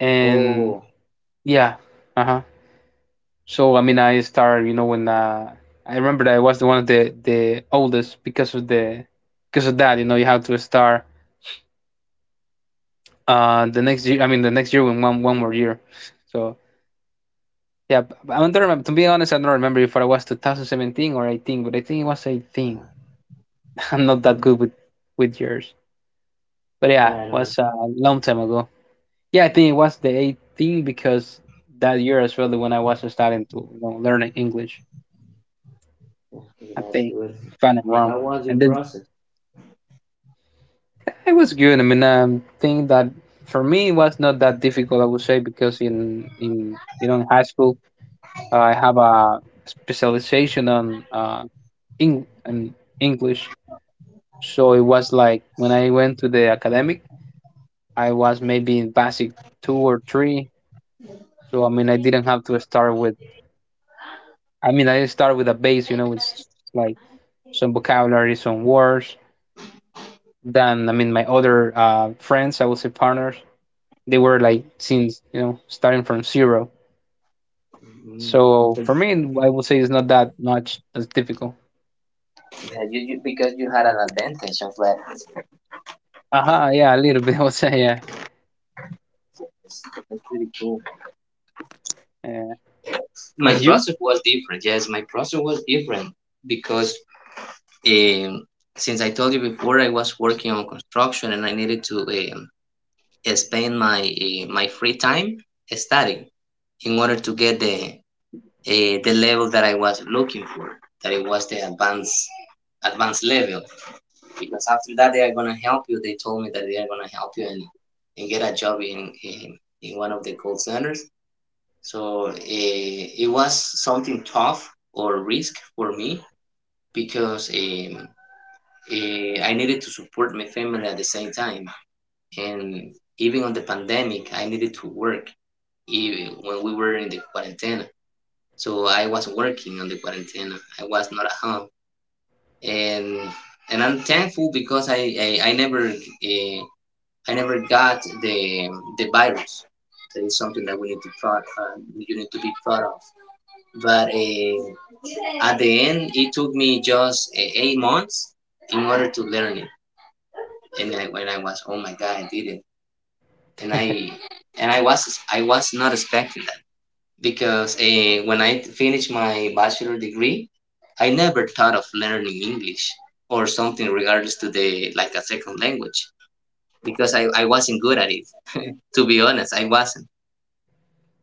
Speaker 1: And
Speaker 2: Oh
Speaker 1: yeah, uh-huh. So I mean, I started, when I remember that I was the one of the oldest because of the, you know, you have to start the next year. I mean, the next year when one more year. So yeah, I don't remember. To be honest, I don't remember if I was 2017 or 18, but I think it was 18. I'm not that good with years, but yeah, it
Speaker 2: yeah, no,
Speaker 1: was a long time ago. Yeah, I think it was the 18, because that year as well, the when I was starting to, learn English.
Speaker 2: okay,
Speaker 1: I
Speaker 2: that's
Speaker 1: think,
Speaker 2: good.
Speaker 1: if I'm not
Speaker 2: And
Speaker 1: wrong.
Speaker 2: how was your
Speaker 1: And then
Speaker 2: process?
Speaker 1: it was good. I mean, thing that for me it was not that difficult, I would say, because in in high school, I have a specialization on in English, so it was like when I went to the academic, I was maybe in basic two or three. So I mean, I didn't have to start with. I mean, I start with a base, it's like some vocabulary, some words. Than I mean, my other friends, I would say partners, they were like, since starting from zero.
Speaker 2: Mm.
Speaker 1: So
Speaker 2: So,
Speaker 1: for me, I would say it's not that much as difficult.
Speaker 2: yeah, because you had an advantage of that.
Speaker 1: Uh-huh, yeah, a little bit. I would say, yeah.
Speaker 2: That's pretty cool.
Speaker 1: Yeah.
Speaker 2: My
Speaker 1: And you?
Speaker 2: process was different. Yes, my process was different because, um, since I told you before, I was working on construction and I needed to spend my my free time studying in order to get the level that I was looking for. That it was the advanced level. Because after that, they are gonna help you. They told me that they are gonna help you and get a job in one of the call centers. So it was something tough or risk for me because, I needed to support my family at the same time, and even on the pandemic, I needed to work even when we were in the quarantine. So I was working on the quarantine. I was not at home, and and I'm thankful because I, I never uh, I never got the virus. That is something that we need to proud, you need to be proud of. But at the end, it took me just 8 months in order to learn it. And I, when I was, oh my god, I did it, and I was not expecting because, when I finished my bachelor degree, I never thought of learning English or something regardless to the, like, a second language, because I wasn't good at it. To be honest, I wasn't.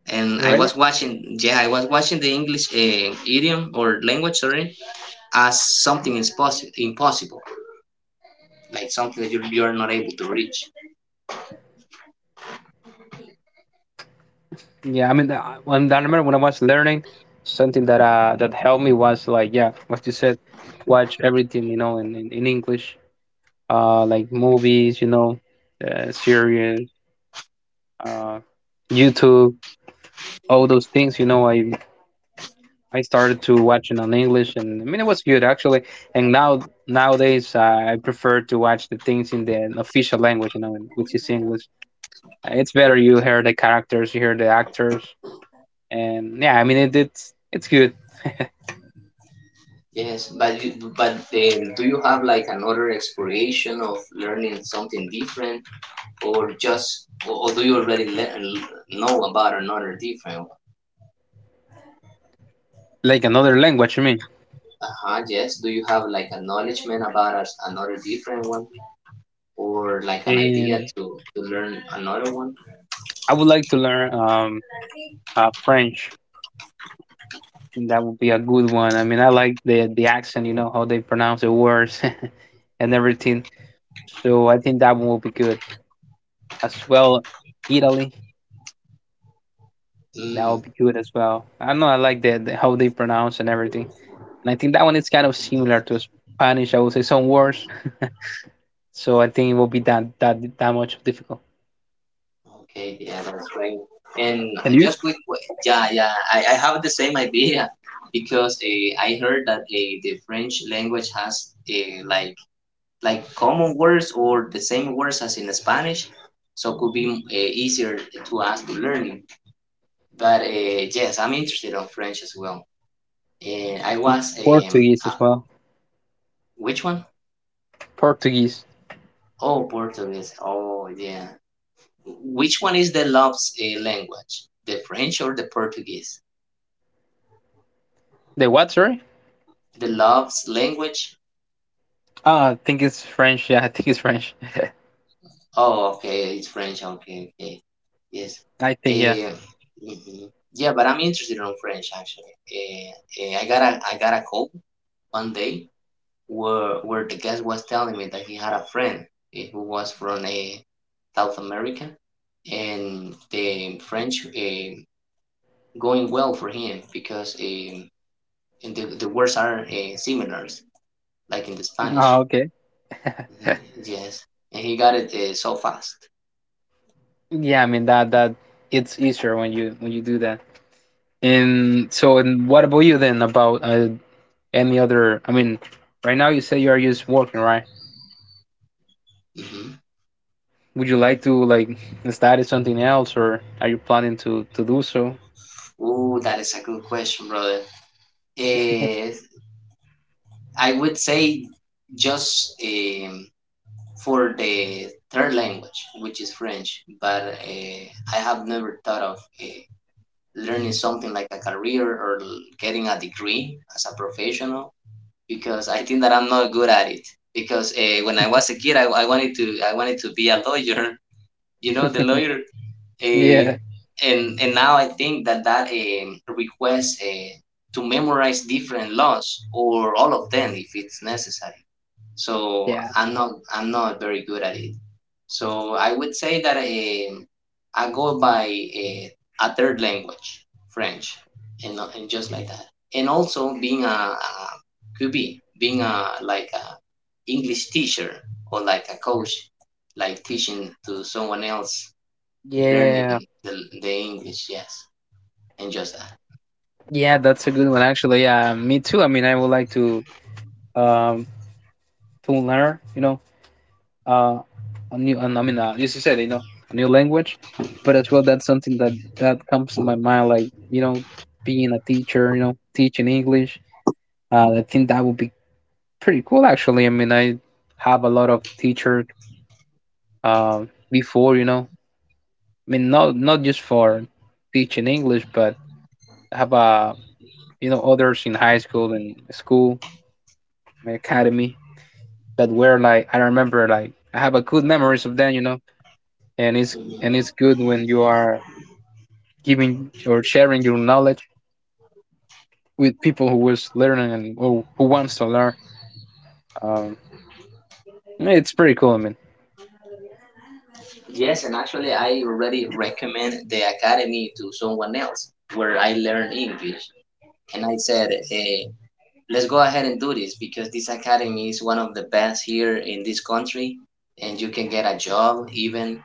Speaker 2: And I
Speaker 1: Really?
Speaker 2: was watching, yeah, I was watching the English idiom or language, sorry, as something impossible, impossible, like something that you are not able to reach.
Speaker 1: Yeah, I mean, when I remember when I was learning, something that helped me was like, yeah, what you said, watch everything in in English, like movies, series, uh, YouTube, all those things. I started to watch it on English, and I mean it was good actually. And now nowadays, I prefer to watch the things in the official language, in- which is English. It's better you hear the characters, you hear the actors, and yeah, I mean, it's good,
Speaker 2: Yes, but but do you have, like, another exploration of learning something different? Or just do you already know about another different one?
Speaker 1: like another language. I mean,
Speaker 2: Uh-huh, yes. Do you have like a knowledgement about us another different one, or like an idea
Speaker 1: and
Speaker 2: to learn another one?
Speaker 1: I would like to learn, French. I think that would be a good one. I mean, I like the accent, how they pronounce the words, and everything. So I think that one will be good as well. Italy. That would
Speaker 2: Mm,
Speaker 1: be good as well. I don't know, I like the, how they pronounce and everything. And I think that one is kind of similar to Spanish, I would say, some words, so I think it will be that much difficult.
Speaker 2: okay, yeah, that's right. And
Speaker 1: And you?
Speaker 2: just quick, yeah, yeah, I have the same idea. Because I heard that the French language has like like common words or the same words as in Spanish, so could be easier to us to learn. But yes, I'm interested on French as well. And I was,
Speaker 1: Portuguese as well.
Speaker 2: which one?
Speaker 1: Portuguese.
Speaker 2: Oh, Portuguese. Oh, yeah. Which one is the love's language? The French or the Portuguese?
Speaker 1: The what? Sorry.
Speaker 2: The love's language?
Speaker 1: Ah, I think it's French. Yeah, I think it's French.
Speaker 2: Oh, okay, it's French. Okay, okay. Yes.
Speaker 1: I think, yeah.
Speaker 2: Eh, mhm. Yeah, but I'm interested on French actually. I got a call one day where the guest was telling me that he had a friend, who was from, South America, and the French, going well for him because, and the words are, similar, like in the
Speaker 1: Oh,
Speaker 2: Spanish.
Speaker 1: okay.
Speaker 2: Mhm, yes, and he got it so fast.
Speaker 1: Yeah, I mean, that it's easier when you do that. And so, and what about you then? About any other? I mean, right now you say you are just working, right?
Speaker 2: Hmm.
Speaker 1: Would you like to like study something else, or are you planning to do so?
Speaker 2: Ooh, that is a good question, brother. Eh, I would say just. For the third language, which is French. But I have never thought of learning something like a career or getting a degree as a professional because I think that I'm not good at it. Because when I was a kid, I wanted to be a lawyer. You know, the lawyer, uh,
Speaker 1: Yeah,
Speaker 2: and now I think that request to memorize different laws, or all of them if it's necessary, so
Speaker 1: yeah,
Speaker 2: I'm not very good at it. So I would say that, I go by a third language, French, and, not- and just like that, and also being a QB, being a, like, a English teacher, or like a coach, like teaching to someone else, learning
Speaker 1: yeah,
Speaker 2: the, the English, yes, and just that.
Speaker 1: yeah. That's a good one, actually. Yeah, me too. I mean, I would like to, um to learn, uh, a new. I mean, as you said, a new language, but as well, that's something that comes to my mind, like, being a teacher, teaching English. I think that would be pretty cool, actually. I mean, I have a lot of teacher, before, you know. I mean, not just for teaching English, but have a, others in high school and school academy that were like, I remember, like I have a good memories of them, you know, and it's,
Speaker 2: Mm-hmm.
Speaker 1: good when you are giving or sharing your knowledge with people who was learning and who, wants to learn. Um, it's pretty cool. I mean,
Speaker 2: Yes, and actually, I already recommend the academy to someone else where I learn English. And I said, hey, let's go ahead and do this because this academy is one of the best here in this country, and you can get a job even,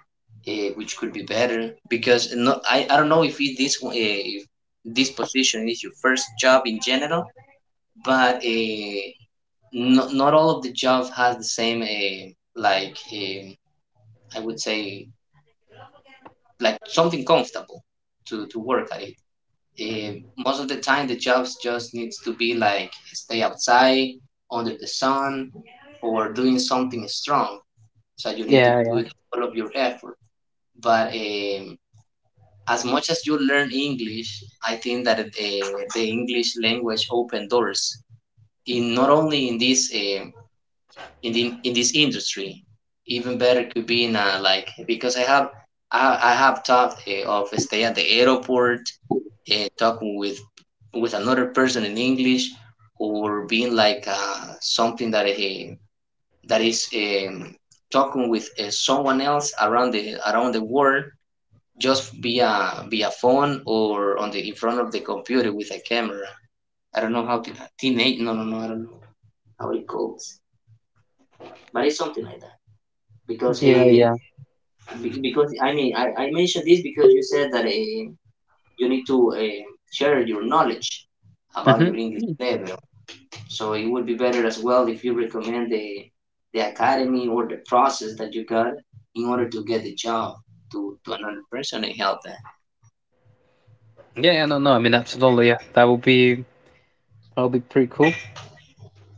Speaker 2: which could be better. Because no, I don't know if it, this if this position is your first job in general, but not, not all of the job has the same like um, I would say like something comfortable to work at it. Most of the time the jobs just needs to be like stay outside under the sun or doing something strong, so you need to
Speaker 1: yeah, yeah,
Speaker 2: put all of your effort. But as much as you learn English, I think that the English language open doors in not only in the, in this industry. Even better could be in a, like, because I have thought of stay at the airport, talking with another person in English, or being like something that that is talking with someone else around the world just via phone or on the in front of the computer with a camera. I don't know how to teenage. No, no, no. I don't know how it calls, but it's something like that. Because
Speaker 1: yeah,
Speaker 2: uh,
Speaker 1: yeah.
Speaker 2: Be- because I mean, I, I mentioned this because you said that you need to share your knowledge about
Speaker 1: Hmm,
Speaker 2: your English level. So it would be better as well if you recommend the academy or the process that you got in order to get the job to another person and help them.
Speaker 1: yeah, yeah, no, no, I mean, absolutely, yeah, that would be, pretty cool.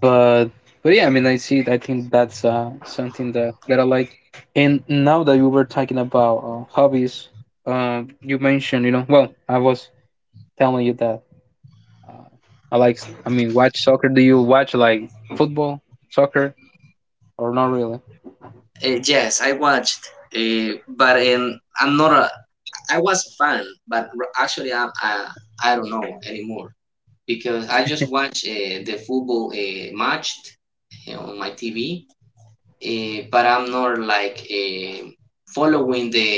Speaker 1: But but yeah, I mean, I see. I think that's something that I like. And now that you were talking about hobbies, you mentioned, you know, well, I was telling you that uh, I like. I mean, watch soccer. Do you watch like football, soccer, or not really?
Speaker 2: Yes, I watched, but I'm not a. I was a fan, but actually I don't know anymore because I just watch the football match on my TV, but I'm not like following the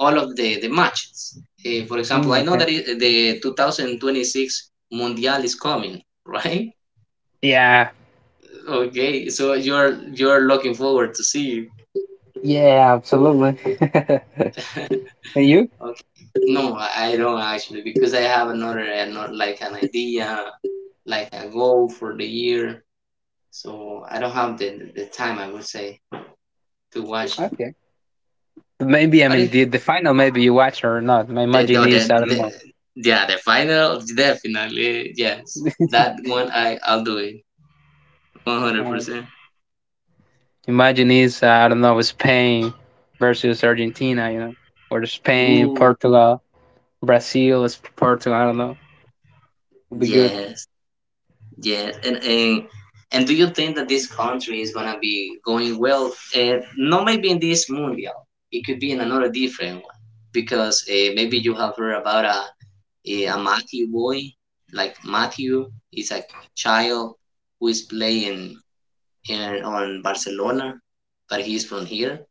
Speaker 2: all of the matches. For example,
Speaker 1: Mm,
Speaker 2: I know
Speaker 1: okay.
Speaker 2: that the 2026 Mundial is coming, right?
Speaker 1: Yeah.
Speaker 2: Okay, so you're looking forward to see.
Speaker 1: Yeah. Absolutely.
Speaker 2: it.
Speaker 1: And you?
Speaker 2: Okay. No, I don't actually, because I have another like an idea, like a goal for the year. So I don't have the time, I would say, to watch it.
Speaker 1: Okay. Maybe I
Speaker 2: But
Speaker 1: mean
Speaker 2: it's
Speaker 1: the final. Maybe you watch or not. My
Speaker 2: The,
Speaker 1: imagine
Speaker 2: no,
Speaker 1: is I don't
Speaker 2: the, yeah, the final, definitely. Yes. That one, I'll do it.
Speaker 1: know.
Speaker 2: 100%.
Speaker 1: Imagine is I don't know, Spain versus Argentina, you know, or Spain,
Speaker 2: Ooh,
Speaker 1: Portugal, Brazil is Portugal. I don't know. Would be good.
Speaker 2: yes. Yes. And do you think that this country is going to be going well? Not maybe in this mundial. It could be in another different one. Because maybe you have heard about a Matthew boy. Like Matthew is a child who is playing in, on Barcelona, but he's from here.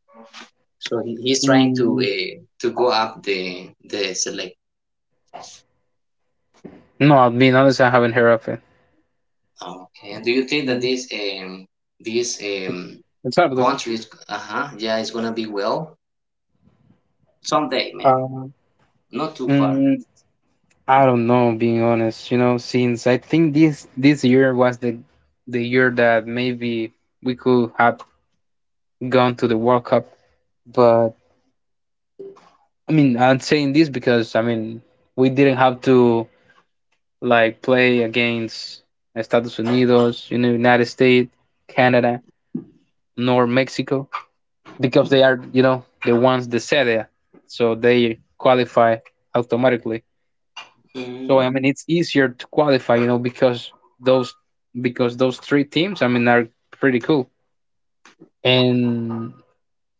Speaker 2: So he's trying
Speaker 1: Mm,
Speaker 2: to go up the select.
Speaker 1: no, being honest, I haven't heard of it.
Speaker 2: Okay. And do you think that
Speaker 1: Mm.
Speaker 2: this
Speaker 1: El Salvador.
Speaker 2: country is uh huh yeah it's gonna be well someday, maybe
Speaker 1: Uh,
Speaker 2: not too far?
Speaker 1: mm, I don't know, being honest. You know, since I think this year was the year that maybe we could have gone to the World Cup, but I mean, I'm saying this because I mean we didn't have to like play against Estados Unidos, you know, United States, Canada, nor Mexico, because they are, you know, the ones the sede, so they qualify automatically. So
Speaker 2: Mm,
Speaker 1: I mean, it's easier to qualify, you know, because those, three teams, I mean, are pretty cool. And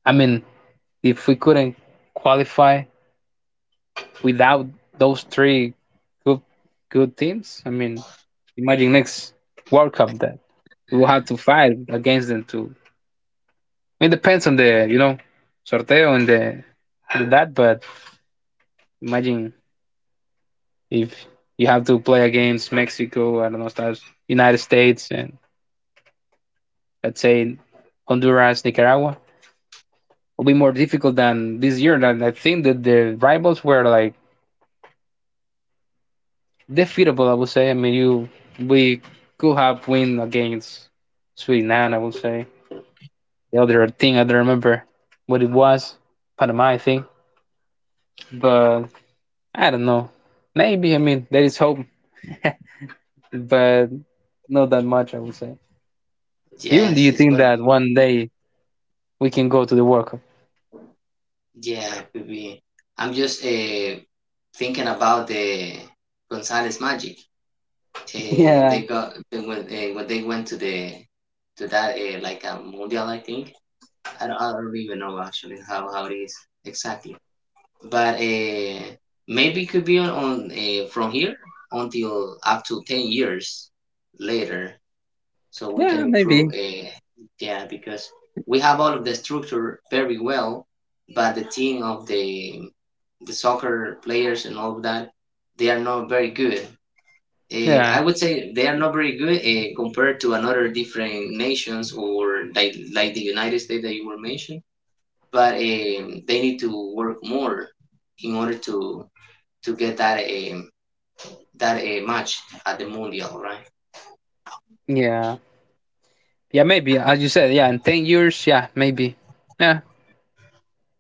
Speaker 1: I mean, if we couldn't qualify without those three good good teams, I mean, imagine next World Cup that we will have to fight against them too. It depends on the, sorteo and the, but imagine if you have to play against Mexico, I don't know, Estados, United States, and let's say Honduras, Nicaragua, will be more difficult than this year. And I think that the rivals were like defeatable, I would say. I mean, you we could have win against Sweden, I would say. The other thing I don't remember what it was, Panama, I think, but I don't know. Maybe I mean there is hope, but not that much, I would say. You Do
Speaker 2: yes,
Speaker 1: you
Speaker 2: it's
Speaker 1: think
Speaker 2: going.
Speaker 1: that one day we can go to the World Cup?
Speaker 2: Yeah, could be. I'm just thinking about the Gonzalez magic. When
Speaker 1: Yeah.
Speaker 2: they got when they went to the to that like a mundial, I think. I don't even know actually how it is exactly. But maybe it could be on from here until up to 10 years later, so we can
Speaker 1: Yeah,
Speaker 2: improve.
Speaker 1: maybe.
Speaker 2: Yeah, because we have all of the structure very well, but the team of the soccer players and all of that, they are not very good. I
Speaker 1: Yeah,
Speaker 2: would say they are not very good compared to another different nations or like the United States that you were mentioned. But they need to work more in order to get that that a match at the Mundial, right?
Speaker 1: yeah, yeah. Maybe as you said, yeah. In 10 years, yeah, maybe. Yeah,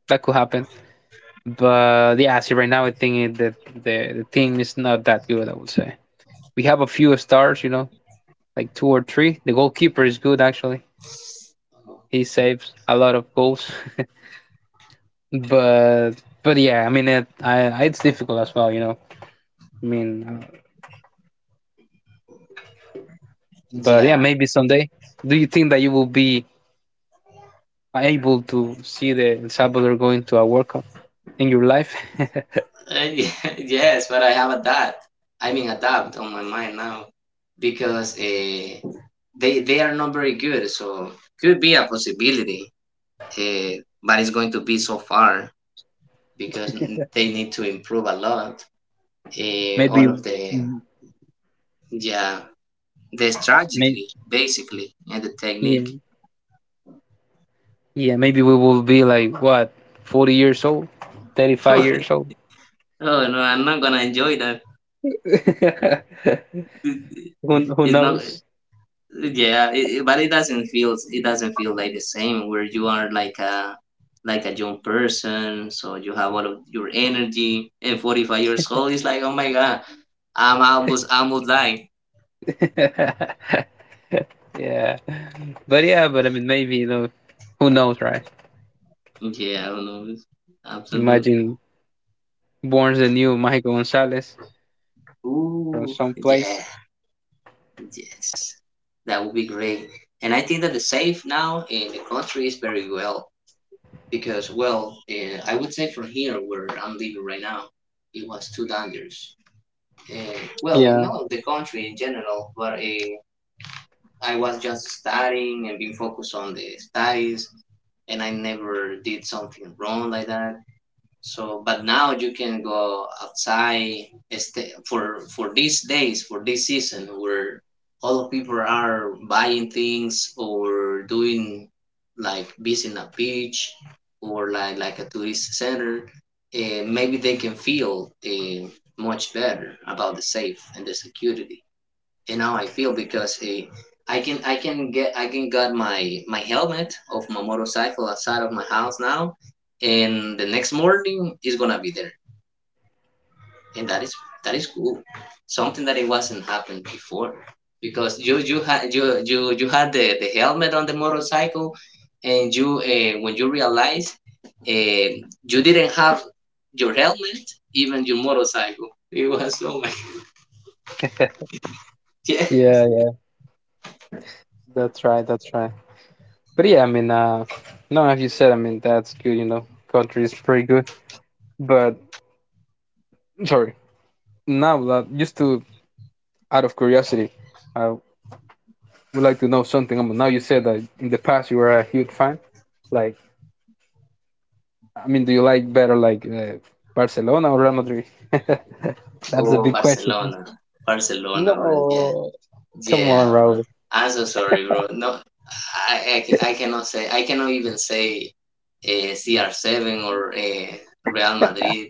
Speaker 1: that could happen. But yeah, see, right now I think that the team is not that good, I would say. We have a few stars, you know, like two or three. The goalkeeper is good, actually. He saves a lot of goals. but but yeah, I mean it's difficult as well, you know. I mean, but yeah,
Speaker 2: Yeah,
Speaker 1: maybe someday. Do you think that you will be able to see the El Salvador going to a World Cup in your life?
Speaker 2: yes, but I have a doubt. I mean, a doubt on my mind now because they are not very good, so could be a possibility. Uh, but it's going to be so far because they need to improve a lot. All
Speaker 1: Maybe,
Speaker 2: of the yeah the
Speaker 1: maybe,
Speaker 2: strategy basically and the technique.
Speaker 1: yeah, yeah. Maybe we will be like, what, 40 years old, thirty-five
Speaker 2: Oh
Speaker 1: years old.
Speaker 2: no, I'm not gonna enjoy that.
Speaker 1: Who
Speaker 2: It's not
Speaker 1: knows?
Speaker 2: yeah it- but it doesn't feel, it doesn't feel like the same where you are like a young person, so you have all of your energy. And 45 years old is like, oh my god, I'm almost dying.
Speaker 1: Yeah, but yeah, but I mean, maybe, you know, who knows, right?
Speaker 2: Yeah, I don't know. Absolutely.
Speaker 1: Imagine Born's the new Michael Gonzalez from
Speaker 2: Ooh, yeah,
Speaker 1: someplace.
Speaker 2: yes, that would be great. And I think that the safe now in the country is very well, because well, I would say from here where I'm living right now it was too dangerous. uh, well, in
Speaker 1: Yeah,
Speaker 2: all the country in general. But I was just studying and being focused on the studies, and I never did something wrong like that. So, but now you can go outside. For these days, for this season, where all of people are buying things or doing like visiting a beach or like a tourist center, maybe they can feel much better about the safe and the security. And now I feel, because I can got my my helmet of my motorcycle outside of my house now, and the next morning it's gonna be there, and that is cool, something that it wasn't happened before. Because you had the helmet on the motorcycle, and you when you realize, uh, you didn't have your helmet even your motorcycle. It was so yeah.
Speaker 1: yeah, yeah. That's right. That's right. But yeah, I mean, no, as you said, I mean, that's good. You know, country is pretty good. But sorry, now just to out of curiosity, I would like to know something. I mean, now you said that in the past you were a huge fan. Like, I mean, do you like better like Barcelona or Real Madrid? That's a
Speaker 2: Oh,
Speaker 1: big question.
Speaker 2: Barcelona, Barcelona, bro. Yeah.
Speaker 1: No, come on,
Speaker 2: Yeah, bro.
Speaker 1: Raul.
Speaker 2: I'm so sorry, bro. No, I cannot say. I cannot even say CR7 or Real Madrid,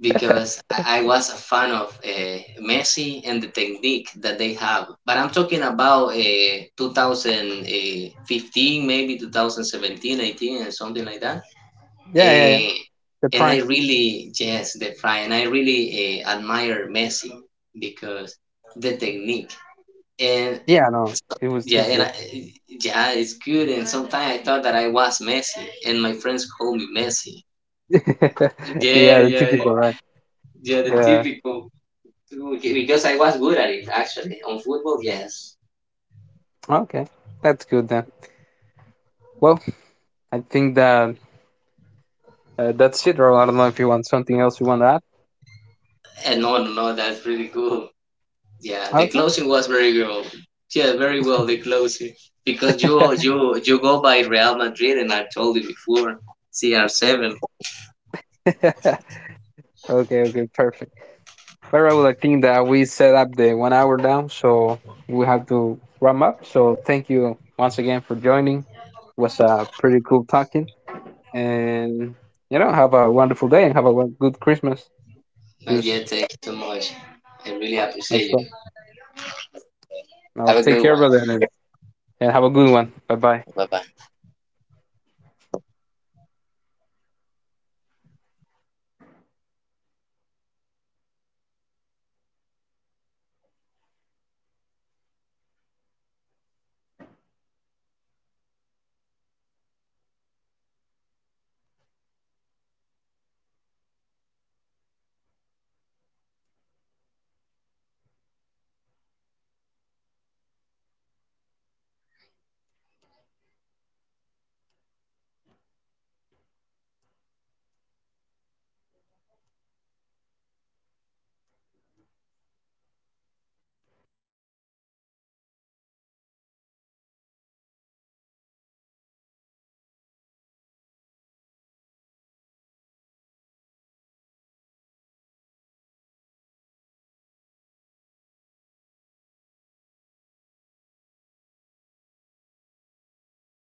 Speaker 2: because I was a fan of Messi and the technique that they have. But I'm talking about 2015, maybe 2017, 18, and something like that.
Speaker 1: Yeah, yeah, yeah.
Speaker 2: Uh,
Speaker 1: The
Speaker 2: and I
Speaker 1: prime.
Speaker 2: really, yes, the fry, and I really admire Messi because the technique. And
Speaker 1: Yeah, no, it was,
Speaker 2: yeah,
Speaker 1: it's
Speaker 2: and
Speaker 1: good.
Speaker 2: yeah, it's good. And sometimes I thought that I was Messi, and my friends called me Messi. Yeah,
Speaker 1: Yeah, the
Speaker 2: yeah, yeah,
Speaker 1: typical, right?
Speaker 2: yeah, the
Speaker 1: Yeah.
Speaker 2: typical, because I was good at it actually on football. Yes,
Speaker 1: Okay, that's good then. Well, I think that that's it. Or I don't know if you want something else you want to
Speaker 2: and no, no, no, that's pretty cool. Yeah, the
Speaker 1: add.
Speaker 2: closing was very good. Yeah, very well the closing, because you go by Real Madrid, and I told you before CR7.
Speaker 1: Okay. Okay, okay, perfect. But right, well, I think that we set up the one hour down, so we have to wrap up. So thank you once again for joining. It was pretty cool talking, and you know, have a wonderful day and have a good Christmas,
Speaker 2: But yeah,
Speaker 1: just
Speaker 2: thank you so much. I really
Speaker 1: as
Speaker 2: appreciate you.
Speaker 1: well. Now,
Speaker 2: Have a
Speaker 1: take
Speaker 2: good
Speaker 1: care,
Speaker 2: one.
Speaker 1: brother, and have a good one. Bye bye.
Speaker 2: Bye bye.